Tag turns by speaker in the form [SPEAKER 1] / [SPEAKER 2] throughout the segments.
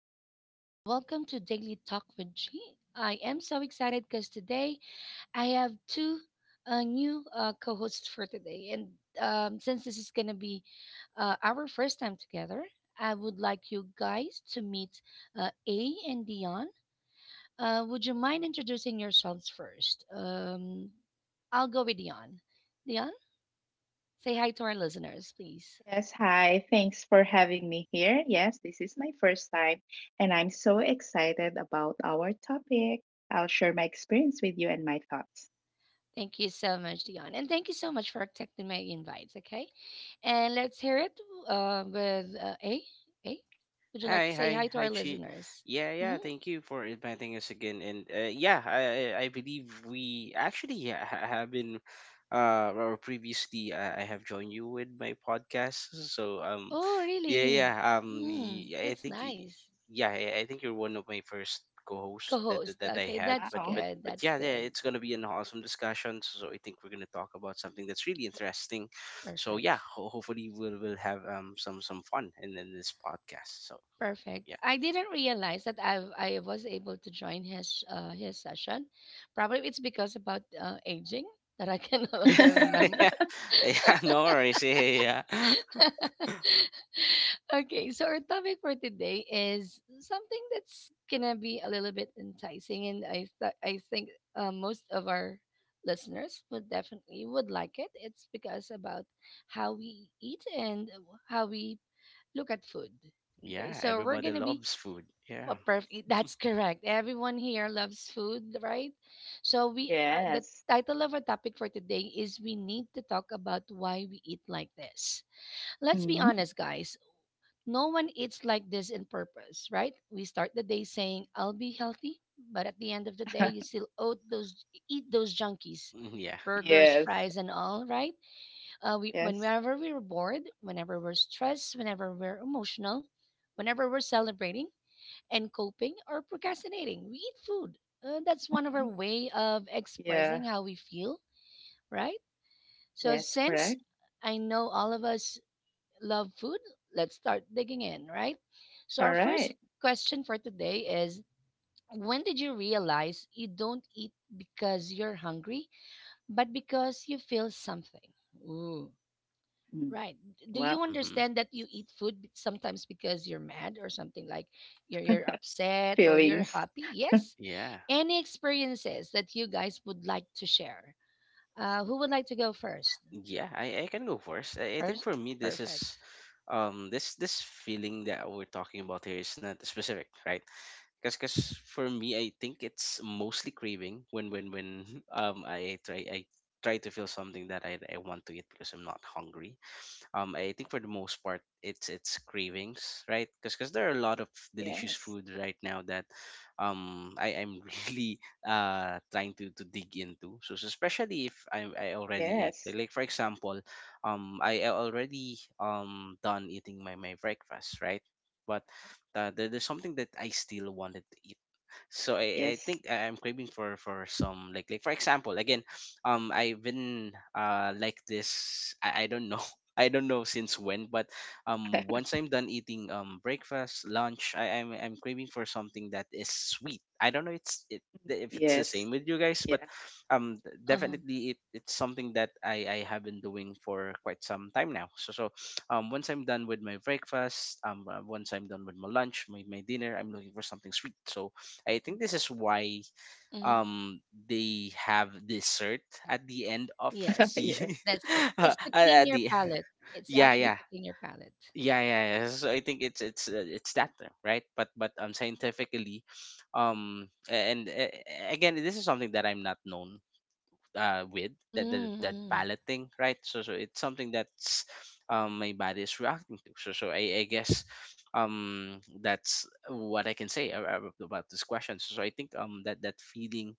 [SPEAKER 1] everyone, and welcome to Daily Talk with G. I am so excited because today I have two new co hosts for today. And since this is going to be our first time together, I would like you guys to meet A and Dion. Would you mind introducing yourselves first? I'll go with Dion. Dion, say hi to our listeners, please.
[SPEAKER 2] Yes, hi. Thanks for having me here. Yes, this is my first time, and I'm so excited about our topic. I'll share my experience with you and my thoughts.
[SPEAKER 1] Thank you so much, Dion. And thank you so much for accepting my invites, okay? And let's hear it with A. A, would you like to
[SPEAKER 3] Hi,
[SPEAKER 1] say hi
[SPEAKER 3] hi,
[SPEAKER 1] to our
[SPEAKER 3] hi, Chi.
[SPEAKER 1] listeners?
[SPEAKER 3] Yeah,
[SPEAKER 1] hmm
[SPEAKER 3] yeah. Thank you for inviting us again. And yeah, I believe we actually have been, or previously I have joined you with my podcast. So
[SPEAKER 1] Oh,
[SPEAKER 3] yeah, yeah.
[SPEAKER 1] really? Mm,
[SPEAKER 3] I
[SPEAKER 1] that's
[SPEAKER 3] think
[SPEAKER 1] nice.
[SPEAKER 3] yeah, I think you're one of my first
[SPEAKER 1] Co
[SPEAKER 3] co-hosts that,
[SPEAKER 1] host.
[SPEAKER 3] that that I
[SPEAKER 1] Okay,
[SPEAKER 3] had.
[SPEAKER 1] that's
[SPEAKER 3] But
[SPEAKER 2] Wow.
[SPEAKER 3] but
[SPEAKER 1] good.
[SPEAKER 3] but
[SPEAKER 1] That's
[SPEAKER 3] yeah, yeah.
[SPEAKER 1] good.
[SPEAKER 3] It's gonna be an awesome discussion. So I think we're gonna talk about something that's really interesting. So
[SPEAKER 1] Perfect.
[SPEAKER 3] yeah, hopefully we'll have some fun in this podcast. So
[SPEAKER 1] Perfect. I didn't realize that I was able to join his session. Probably it's because about aging that I can no
[SPEAKER 3] yeah.
[SPEAKER 1] longer remember.
[SPEAKER 3] Yeah. Yeah. No worries. Yeah. Yeah.
[SPEAKER 1] Okay, so our topic for today is something that's gonna be a little bit enticing, and I think most of our listeners would definitely would like it. It's because about how we eat and how we look at food. Okay,
[SPEAKER 3] Yeah.
[SPEAKER 1] so we're
[SPEAKER 3] Everybody
[SPEAKER 1] gonna be
[SPEAKER 3] loves food.
[SPEAKER 1] well,
[SPEAKER 3] Yeah.
[SPEAKER 1] perfect. That's correct. Everyone here loves food, right? So we are the
[SPEAKER 2] Yes.
[SPEAKER 1] title of our topic for today is we need to talk about why we eat like this. Let's be
[SPEAKER 2] hmm
[SPEAKER 1] honest, guys, no one eats like this in purpose, right? We start the day saying, I'll be healthy, but at the end of the day, you still oat those, eat those junkies,
[SPEAKER 3] Yeah.
[SPEAKER 1] burgers,
[SPEAKER 2] Yes.
[SPEAKER 1] fries, and all, right?
[SPEAKER 2] Yes.
[SPEAKER 1] Whenever we are bored, whenever we're stressed, whenever we're emotional, whenever we're celebrating and coping or procrastinating, we eat food. That's one of our
[SPEAKER 2] Mhm.
[SPEAKER 1] way of
[SPEAKER 2] Yeah.
[SPEAKER 1] expressing how we feel, right? So
[SPEAKER 2] Yes,
[SPEAKER 1] since
[SPEAKER 2] correct.
[SPEAKER 1] I know all of us love food? Let's start digging in, right? So,
[SPEAKER 2] All
[SPEAKER 1] our first
[SPEAKER 2] right.
[SPEAKER 1] question for today is, when did you realize you don't eat because you're hungry, but because you feel something? Ooh,
[SPEAKER 2] Mm.
[SPEAKER 1] right. Do
[SPEAKER 2] Wow.
[SPEAKER 1] you
[SPEAKER 3] Hmm.
[SPEAKER 1] understand that you eat food be- sometimes because you're mad or something like you're upset or you're
[SPEAKER 2] Feelings.
[SPEAKER 1] happy? Yes.
[SPEAKER 3] Yeah.
[SPEAKER 1] Any experiences that you guys would like to share? Who would like to go first?
[SPEAKER 3] Yeah. I can go first. I think
[SPEAKER 1] First,
[SPEAKER 3] for me this
[SPEAKER 1] perfect.
[SPEAKER 3] is this feeling that we're talking about here is not specific, right? Because cause 'cause for me I think it's mostly craving when I try to feel something that I want to eat because I'm not hungry. I think for the most part it's cravings, right? Because there are a lot of delicious
[SPEAKER 2] Yes.
[SPEAKER 3] food right now that I am really trying to dig into. So especially if I already
[SPEAKER 2] Yes.
[SPEAKER 3] ate, like for example I already done eating my breakfast, right? But there's something that I still wanted to eat, so I
[SPEAKER 2] Yes.
[SPEAKER 3] think I'm craving for some, like for example again. I've been like this. I don't know I don't know since when, but once I'm done eating, breakfast, lunch, I'm craving for something that is sweet. I don't know it's it if it's the
[SPEAKER 2] Yes.
[SPEAKER 3] same with you guys, but
[SPEAKER 2] Yeah.
[SPEAKER 1] Uh-huh.
[SPEAKER 3] definitely it's something that I have been doing for quite some time now. So once I'm done with my breakfast, once I'm done with my lunch, my dinner, I'm looking for something sweet. So I think this is why um they have dessert at the end of
[SPEAKER 1] Yes,
[SPEAKER 3] the.
[SPEAKER 2] Yes.
[SPEAKER 1] that's it. It's to clean
[SPEAKER 3] At
[SPEAKER 1] your
[SPEAKER 3] the
[SPEAKER 1] palate. It's
[SPEAKER 3] Yeah,
[SPEAKER 1] actually
[SPEAKER 3] yeah,
[SPEAKER 1] to clean your palate.
[SPEAKER 3] yeah, yeah, yeah. So I think it's that term, right? But scientifically, and again this is something that I'm not known with that
[SPEAKER 1] Mm-hmm.
[SPEAKER 3] palate thing, right? So it's something that's my body is reacting to. So I guess that's what I can say about this question. So I think that feeling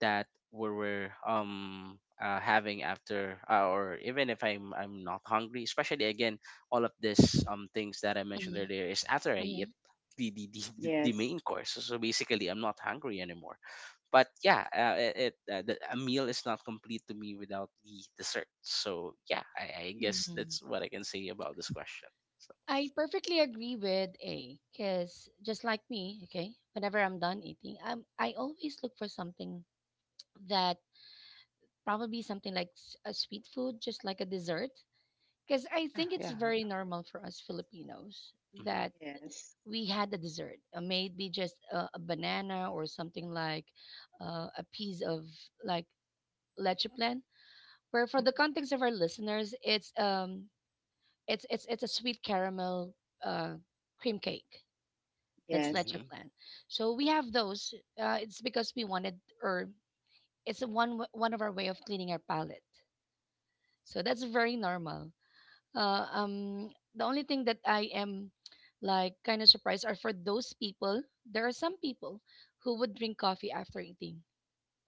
[SPEAKER 3] that we were having after or even if I'm not hungry, especially again all of this things that I mentioned earlier, is after I eat
[SPEAKER 1] Mm-hmm.
[SPEAKER 3] the main
[SPEAKER 2] Yes.
[SPEAKER 3] course. So basically I'm not hungry anymore, but yeah, a meal is not complete to me without the dessert. So yeah, I guess
[SPEAKER 1] Mm-hmm.
[SPEAKER 3] that's what I can say about this question, so
[SPEAKER 1] I perfectly agree with A because just like me, okay, whenever I'm done eating, I always look for something that probably something like a sweet food, just like a dessert. Because I
[SPEAKER 3] yeah.
[SPEAKER 1] think it's
[SPEAKER 3] Yeah.
[SPEAKER 1] very normal for us Filipinos
[SPEAKER 3] Mm-hmm.
[SPEAKER 1] that
[SPEAKER 2] Yes.
[SPEAKER 1] we had a dessert, maybe just a banana or something like a piece of like Lechiplan, where for the
[SPEAKER 2] Mhm.
[SPEAKER 1] context of our listeners, it's a sweet caramel uh cream cake. That's
[SPEAKER 2] Yes.
[SPEAKER 3] Mm-hmm.
[SPEAKER 1] Lechiplan. So we have those. It's because we wanted or it's a one one of our way of cleaning our palate. So that's very normal. Uh, um the only thing that I am like kind of surprised are for those people, there are some people who would drink coffee after eating.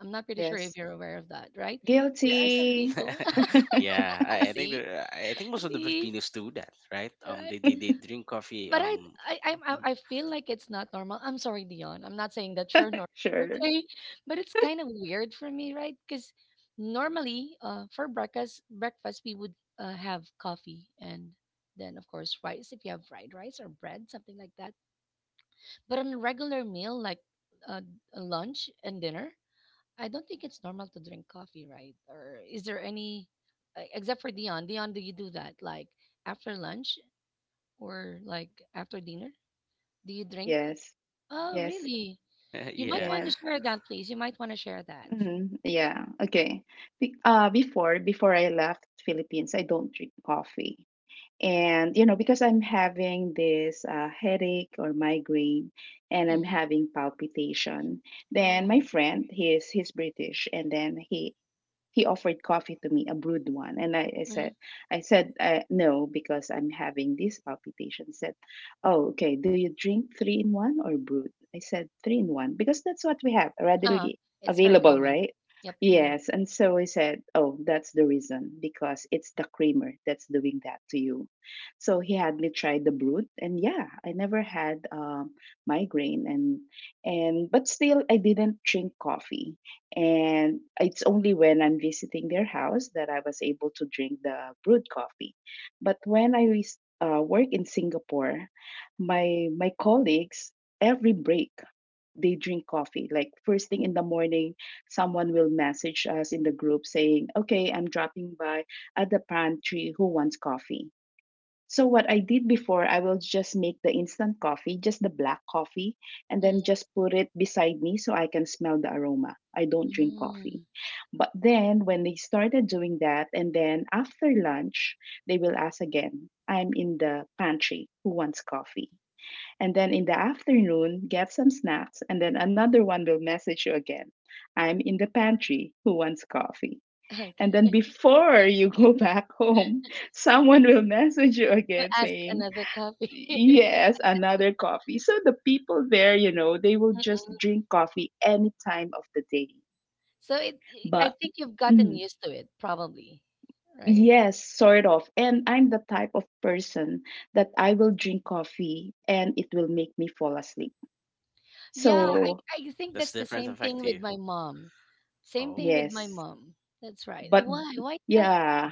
[SPEAKER 1] I'm not pretty sure if
[SPEAKER 2] Yes.
[SPEAKER 1] you're aware of that, right? There are some
[SPEAKER 2] Guilty.
[SPEAKER 1] people.
[SPEAKER 3] Yeah, I, I think
[SPEAKER 1] See,
[SPEAKER 3] there. I think most of the
[SPEAKER 1] see,
[SPEAKER 3] Filipinos do that, right? They
[SPEAKER 1] right?
[SPEAKER 3] they, they drink coffee.
[SPEAKER 1] But I, I, I, I I feel like it's not normal. I'm sorry, Dion. I'm not saying that you're normal,
[SPEAKER 2] Sure.
[SPEAKER 1] okay? But it's kind of weird for me, right? Because normally, for breakfast, we would have coffee and then of course rice if you have fried rice or bread, something like that. But on a regular meal like uh, a lunch and dinner, I don't think it's normal to drink coffee, right? Or is there any, except for Dion? Dion, do you do that like after lunch or like after dinner? Do you drink?
[SPEAKER 2] Yes.
[SPEAKER 1] Oh,
[SPEAKER 2] Yes.
[SPEAKER 1] really? You might
[SPEAKER 3] Yeah.
[SPEAKER 1] want to
[SPEAKER 2] Yes.
[SPEAKER 1] share that, please. You might want to share that.
[SPEAKER 2] hmm Yeah. Okay. Before I left Philippines, I don't drink coffee, and you know because I'm having this headache or migraine, and I'm
[SPEAKER 1] Mm-hmm.
[SPEAKER 2] having palpitation. Then
[SPEAKER 1] Oh.
[SPEAKER 2] my friend, he's British, and then he offered coffee to me, a brewed one, and I
[SPEAKER 1] Mm-hmm.
[SPEAKER 2] said, I said no because I'm having this palpitation. He said, oh, okay. Do you drink three in one or brewed? I said three in one because that's what we have
[SPEAKER 1] Ah,
[SPEAKER 2] readily
[SPEAKER 1] it's very
[SPEAKER 2] available,
[SPEAKER 1] common.
[SPEAKER 2] right?
[SPEAKER 1] Yep. Mm-hmm.
[SPEAKER 2] Yes, and so I said, oh, that's the reason because it's the creamer that's doing that to you. So he had me try the brewed, and yeah, I never had migraine, and but still I didn't drink coffee, and it's only when I'm visiting their house that I was able to drink the brewed coffee. But when I was, work in Singapore, my colleagues every break they drink coffee. Like first thing in the morning, someone will message us in the group saying, "Okay, I'm dropping by at the pantry. Who wants coffee?" So what I did before, I will just make the instant coffee, just the black coffee, and then
[SPEAKER 1] Mm-hmm.
[SPEAKER 2] just put it beside me so I can smell the aroma. I don't drink
[SPEAKER 1] Mm.
[SPEAKER 2] coffee. But then when they started doing that, and then after lunch, they will ask again, I'm in the pantry, who wants coffee? And then in the afternoon, get some snacks, and then another one will message you again, I'm in the pantry, who wants coffee? And then
[SPEAKER 1] Okay.
[SPEAKER 2] before you go back home, someone will message you
[SPEAKER 1] We'll
[SPEAKER 2] again
[SPEAKER 1] ask
[SPEAKER 2] saying,
[SPEAKER 1] another coffee.
[SPEAKER 2] Yes, another coffee. So the people there, you know, they will just
[SPEAKER 1] Mm-mm.
[SPEAKER 2] drink coffee any time of the day.
[SPEAKER 1] So it, I
[SPEAKER 2] But
[SPEAKER 1] think you've gotten
[SPEAKER 2] mm,
[SPEAKER 1] used to it, probably, right?
[SPEAKER 2] yes, sort of. And I'm the type of person that I will drink coffee and it will make me fall asleep.
[SPEAKER 1] Yeah,
[SPEAKER 3] Oh,
[SPEAKER 1] I,
[SPEAKER 2] So,
[SPEAKER 1] I think
[SPEAKER 3] that's
[SPEAKER 1] that's the
[SPEAKER 3] different
[SPEAKER 1] same
[SPEAKER 3] effect
[SPEAKER 1] thing
[SPEAKER 3] to
[SPEAKER 1] with
[SPEAKER 3] you.
[SPEAKER 1] my mom. Same thing
[SPEAKER 3] Oh,
[SPEAKER 1] with my
[SPEAKER 2] yes.
[SPEAKER 1] mom. That's right.
[SPEAKER 2] But
[SPEAKER 1] Why? Why that?
[SPEAKER 2] yeah,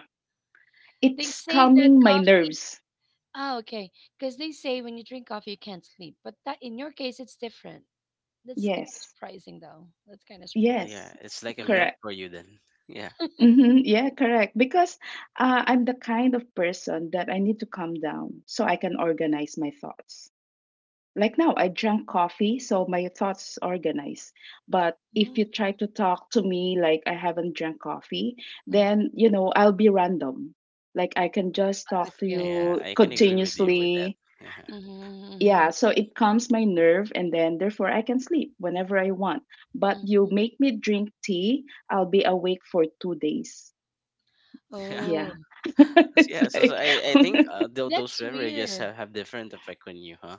[SPEAKER 1] They
[SPEAKER 2] it's
[SPEAKER 1] say that
[SPEAKER 2] calming my
[SPEAKER 1] coffee.
[SPEAKER 2] nerves.
[SPEAKER 1] Ah, okay. Because they say when you drink coffee, you can't sleep. But that in your case, it's different. That's kind of
[SPEAKER 2] Yes,
[SPEAKER 1] surprising, though. That's kind of surprising.
[SPEAKER 3] yeah.
[SPEAKER 2] yes,
[SPEAKER 3] It's like a
[SPEAKER 1] Mm-hmm.
[SPEAKER 3] milk
[SPEAKER 2] correct.
[SPEAKER 3] for you then. Yeah,
[SPEAKER 2] Mhm, yeah, correct. Because I'm the kind of person that I need to calm down so I can organize my thoughts. Like now, I drank coffee, so my thoughts organized. But if you try to talk to me like I haven't drank coffee,
[SPEAKER 1] hmm
[SPEAKER 2] then you know I'll be random. Like I can just talk to
[SPEAKER 1] Okay, I
[SPEAKER 3] yeah.
[SPEAKER 2] you
[SPEAKER 3] I can
[SPEAKER 1] see.
[SPEAKER 3] agree with you with that.
[SPEAKER 2] continuously.
[SPEAKER 3] Yeah.
[SPEAKER 1] Mm-hmm,
[SPEAKER 2] Yeah, so it calms my nerve, and then therefore I can sleep whenever I want.
[SPEAKER 1] hmm
[SPEAKER 2] But you make me drink tea, I'll be awake for 2 days.
[SPEAKER 3] Yeah.
[SPEAKER 2] Yeah.
[SPEAKER 1] Oh,
[SPEAKER 2] It's
[SPEAKER 3] Yeah, so
[SPEAKER 2] like,
[SPEAKER 3] I think those
[SPEAKER 1] that's
[SPEAKER 3] beverages
[SPEAKER 1] weird.
[SPEAKER 3] have different effect on you, huh?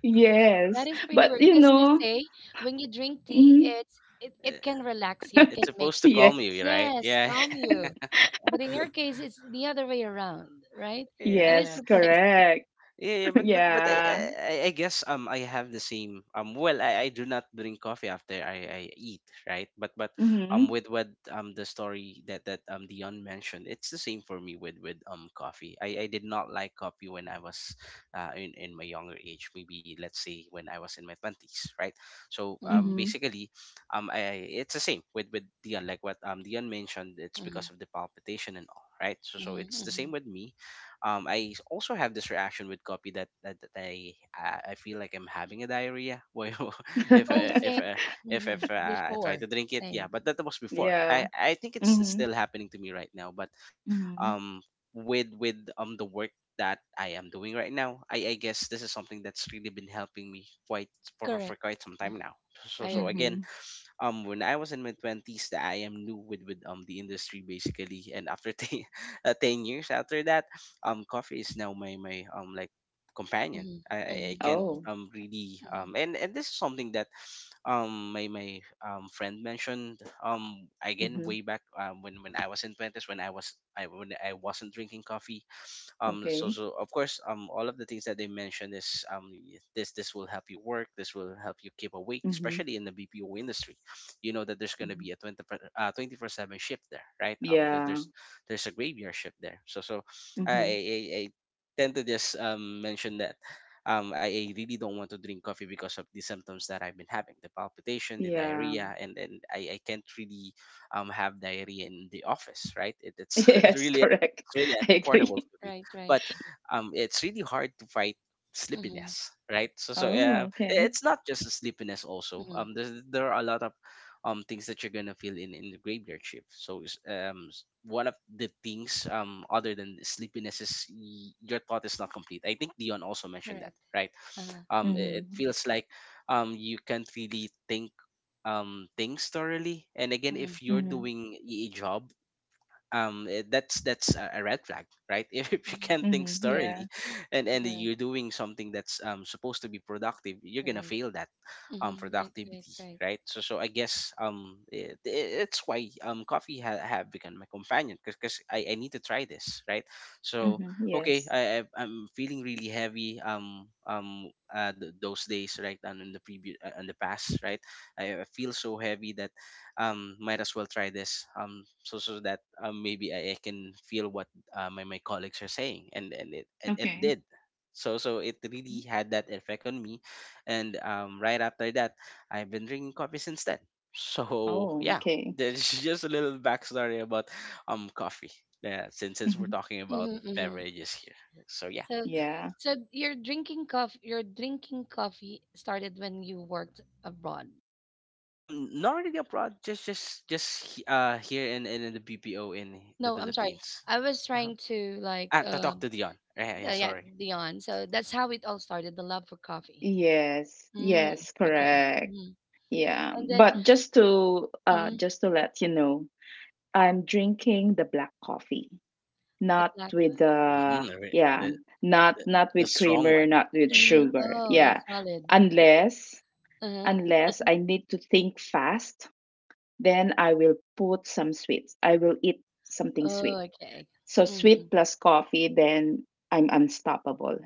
[SPEAKER 2] yes.
[SPEAKER 1] That is pretty
[SPEAKER 2] But
[SPEAKER 1] weird.
[SPEAKER 2] you
[SPEAKER 1] Because they
[SPEAKER 2] know,
[SPEAKER 1] say when you drink tea,
[SPEAKER 2] mhm,
[SPEAKER 3] Uh,
[SPEAKER 1] it can relax you. It can
[SPEAKER 3] It's supposed
[SPEAKER 1] make
[SPEAKER 3] to
[SPEAKER 1] you
[SPEAKER 3] calm
[SPEAKER 1] feel,
[SPEAKER 3] you,
[SPEAKER 2] yes.
[SPEAKER 3] right?
[SPEAKER 1] yes,
[SPEAKER 3] Yeah.
[SPEAKER 1] calm you. But in your case, it's the other way around, right? It is
[SPEAKER 3] Yeah.
[SPEAKER 2] Yes,
[SPEAKER 1] surprising.
[SPEAKER 2] correct.
[SPEAKER 3] Yeah, yeah, but I, I
[SPEAKER 2] Yeah.
[SPEAKER 3] I I guess I have the same. Well, I do not drink coffee after I eat, right? But
[SPEAKER 2] Mm-hmm.
[SPEAKER 3] with what the story that Dion mentioned, it's the same for me with coffee. I did not like coffee when I was in my younger age, maybe let's say when I was in my twenties, right? So
[SPEAKER 1] Mm-hmm,
[SPEAKER 2] Mm-hmm.
[SPEAKER 3] basically I it's the same with Dion, like what Dion mentioned. It's
[SPEAKER 1] mm-hmm,
[SPEAKER 3] because of the palpitation and all, right? So it's the same
[SPEAKER 1] mm-hmm.
[SPEAKER 3] with me. I also have this reaction with copy that I feel like I'm having a diarrhea. Well, if
[SPEAKER 1] Oh,
[SPEAKER 3] I, if
[SPEAKER 1] same.
[SPEAKER 3] I,
[SPEAKER 1] hmm
[SPEAKER 3] if I try to
[SPEAKER 1] Before,
[SPEAKER 3] drink it, yeah.
[SPEAKER 1] same.
[SPEAKER 3] But that was before. I
[SPEAKER 2] Yeah.
[SPEAKER 3] I think it's
[SPEAKER 2] Mm-hmm.
[SPEAKER 3] still happening to me right now. But
[SPEAKER 2] Mm-hmm.
[SPEAKER 3] um, with the work that I am doing right now, I guess this is something that's really been helping me quite for
[SPEAKER 1] Correct.
[SPEAKER 3] quite some time
[SPEAKER 1] Mhm.
[SPEAKER 3] now. So so
[SPEAKER 1] I
[SPEAKER 3] so
[SPEAKER 1] agree.
[SPEAKER 3] again,
[SPEAKER 2] Mm-hmm.
[SPEAKER 3] when I was in my 20s that I am new with the industry basically, and after 10, 10 years after that, coffee is now my like companion.
[SPEAKER 1] hmm
[SPEAKER 3] I
[SPEAKER 1] hmm
[SPEAKER 3] can't
[SPEAKER 1] hmm
[SPEAKER 2] Oh.
[SPEAKER 3] really.
[SPEAKER 1] hmm
[SPEAKER 3] And this is something that my friend mentioned, again
[SPEAKER 2] Mm-hmm.
[SPEAKER 3] way back, when I was in 20s, when I wasn't drinking coffee. um so
[SPEAKER 2] Okay.
[SPEAKER 3] so of course all of the things that they mentioned is this will help you work, this will help you keep awake,
[SPEAKER 2] Mm-hmm.
[SPEAKER 3] especially in the BPO industry. You know that there's going to
[SPEAKER 2] Mm-hmm.
[SPEAKER 3] be a 20, 24/7 shift there, right?
[SPEAKER 2] Yeah.
[SPEAKER 3] There's a graveyard shift there, so i
[SPEAKER 2] Mm-hmm.
[SPEAKER 3] i, I tend to just mention that I really don't want to drink coffee because of the symptoms that I've been having, the palpitation, the
[SPEAKER 2] Yeah.
[SPEAKER 3] diarrhea, and then I can't really, have diarrhea in the office, right? It, it's
[SPEAKER 2] Yes,
[SPEAKER 3] really,
[SPEAKER 2] correct.
[SPEAKER 3] it's really
[SPEAKER 2] I
[SPEAKER 1] hmm
[SPEAKER 2] agree.
[SPEAKER 3] uncomfortable for me,
[SPEAKER 1] Right, right.
[SPEAKER 3] but it's really hard to fight
[SPEAKER 1] hmm
[SPEAKER 3] sleepiness, right? So so
[SPEAKER 2] Oh,
[SPEAKER 3] uh,
[SPEAKER 2] okay.
[SPEAKER 3] it's not just a sleepiness also.
[SPEAKER 1] hmm
[SPEAKER 3] There are a lot of things that you're gonna feel in the graveyard shift. So one of the things other than the sleepiness is your thought is not complete. I think Dion also mentioned that,
[SPEAKER 1] Correct.
[SPEAKER 3] right?
[SPEAKER 1] Uh,
[SPEAKER 3] It
[SPEAKER 2] Mm-hmm.
[SPEAKER 3] feels like you can't really think things thoroughly. And again,
[SPEAKER 1] hmm
[SPEAKER 3] if you're
[SPEAKER 2] Mm-hmm.
[SPEAKER 3] doing a job, that's a red flag, right? If you
[SPEAKER 1] hmm
[SPEAKER 3] can't think
[SPEAKER 2] Mm-hmm.
[SPEAKER 1] hmm
[SPEAKER 2] Yeah.
[SPEAKER 3] thoroughly and
[SPEAKER 1] Right,
[SPEAKER 3] you're doing something that's supposed to be productive, you're gonna
[SPEAKER 1] right.
[SPEAKER 3] fail that
[SPEAKER 1] Right, right,
[SPEAKER 3] productivity,
[SPEAKER 1] right.
[SPEAKER 3] right? So I guess it's why coffee have become my companion because I need to try this, right? So
[SPEAKER 2] Mm-hmm.
[SPEAKER 3] okay,
[SPEAKER 2] Yes.
[SPEAKER 3] I'm feeling really heavy those days, right? And in the previous, in the past, right? I feel so heavy that might as well try this, so that maybe I can feel what my colleagues are saying. And it
[SPEAKER 2] Okay.
[SPEAKER 3] did. So it really had that effect on me. And right after that, I've been drinking coffee since then, so
[SPEAKER 2] Oh,
[SPEAKER 3] yeah.
[SPEAKER 2] okay.
[SPEAKER 3] There's just a little backstory about coffee, yeah, since we're
[SPEAKER 2] Mhm.
[SPEAKER 3] talking about
[SPEAKER 1] hmm hmm
[SPEAKER 3] beverages here, so yeah.
[SPEAKER 1] So,
[SPEAKER 2] Yeah.
[SPEAKER 1] your drinking coffee started when you worked abroad.
[SPEAKER 3] I'm not really abroad, just here in the BPO in the
[SPEAKER 1] No, I'm sorry.
[SPEAKER 3] Philippines.
[SPEAKER 1] I was
[SPEAKER 3] Uh-huh.
[SPEAKER 1] trying to like,
[SPEAKER 3] Ah, to talk to Dion. Yeah, yeah,
[SPEAKER 1] yeah,
[SPEAKER 3] sorry.
[SPEAKER 1] Dion. So that's how it all started, the love for coffee.
[SPEAKER 2] Yes.
[SPEAKER 1] Mm,
[SPEAKER 2] Yes,
[SPEAKER 1] okay.
[SPEAKER 2] correct.
[SPEAKER 1] Mhm.
[SPEAKER 2] Yeah.
[SPEAKER 1] And then
[SPEAKER 2] But just to uh
[SPEAKER 1] mhm,
[SPEAKER 2] just to let you know, I'm drinking the black coffee,
[SPEAKER 1] the
[SPEAKER 2] not
[SPEAKER 1] black
[SPEAKER 2] with
[SPEAKER 1] one.
[SPEAKER 2] the
[SPEAKER 3] Mhm.
[SPEAKER 2] yeah, not
[SPEAKER 3] The
[SPEAKER 2] not
[SPEAKER 3] the
[SPEAKER 2] with
[SPEAKER 3] strong
[SPEAKER 2] creamer,
[SPEAKER 3] one.
[SPEAKER 2] not with
[SPEAKER 3] Yeah.
[SPEAKER 1] Mhm.
[SPEAKER 2] sugar.
[SPEAKER 1] Oh, that's
[SPEAKER 2] Yeah.
[SPEAKER 1] solid.
[SPEAKER 2] Unless
[SPEAKER 1] Uh-huh.
[SPEAKER 2] unless I need to think fast, then I will put some sweets. I will eat something
[SPEAKER 1] Oh,
[SPEAKER 2] sweet.
[SPEAKER 1] okay.
[SPEAKER 2] So
[SPEAKER 1] Mm-hmm.
[SPEAKER 2] sweet plus coffee, then I'm unstoppable.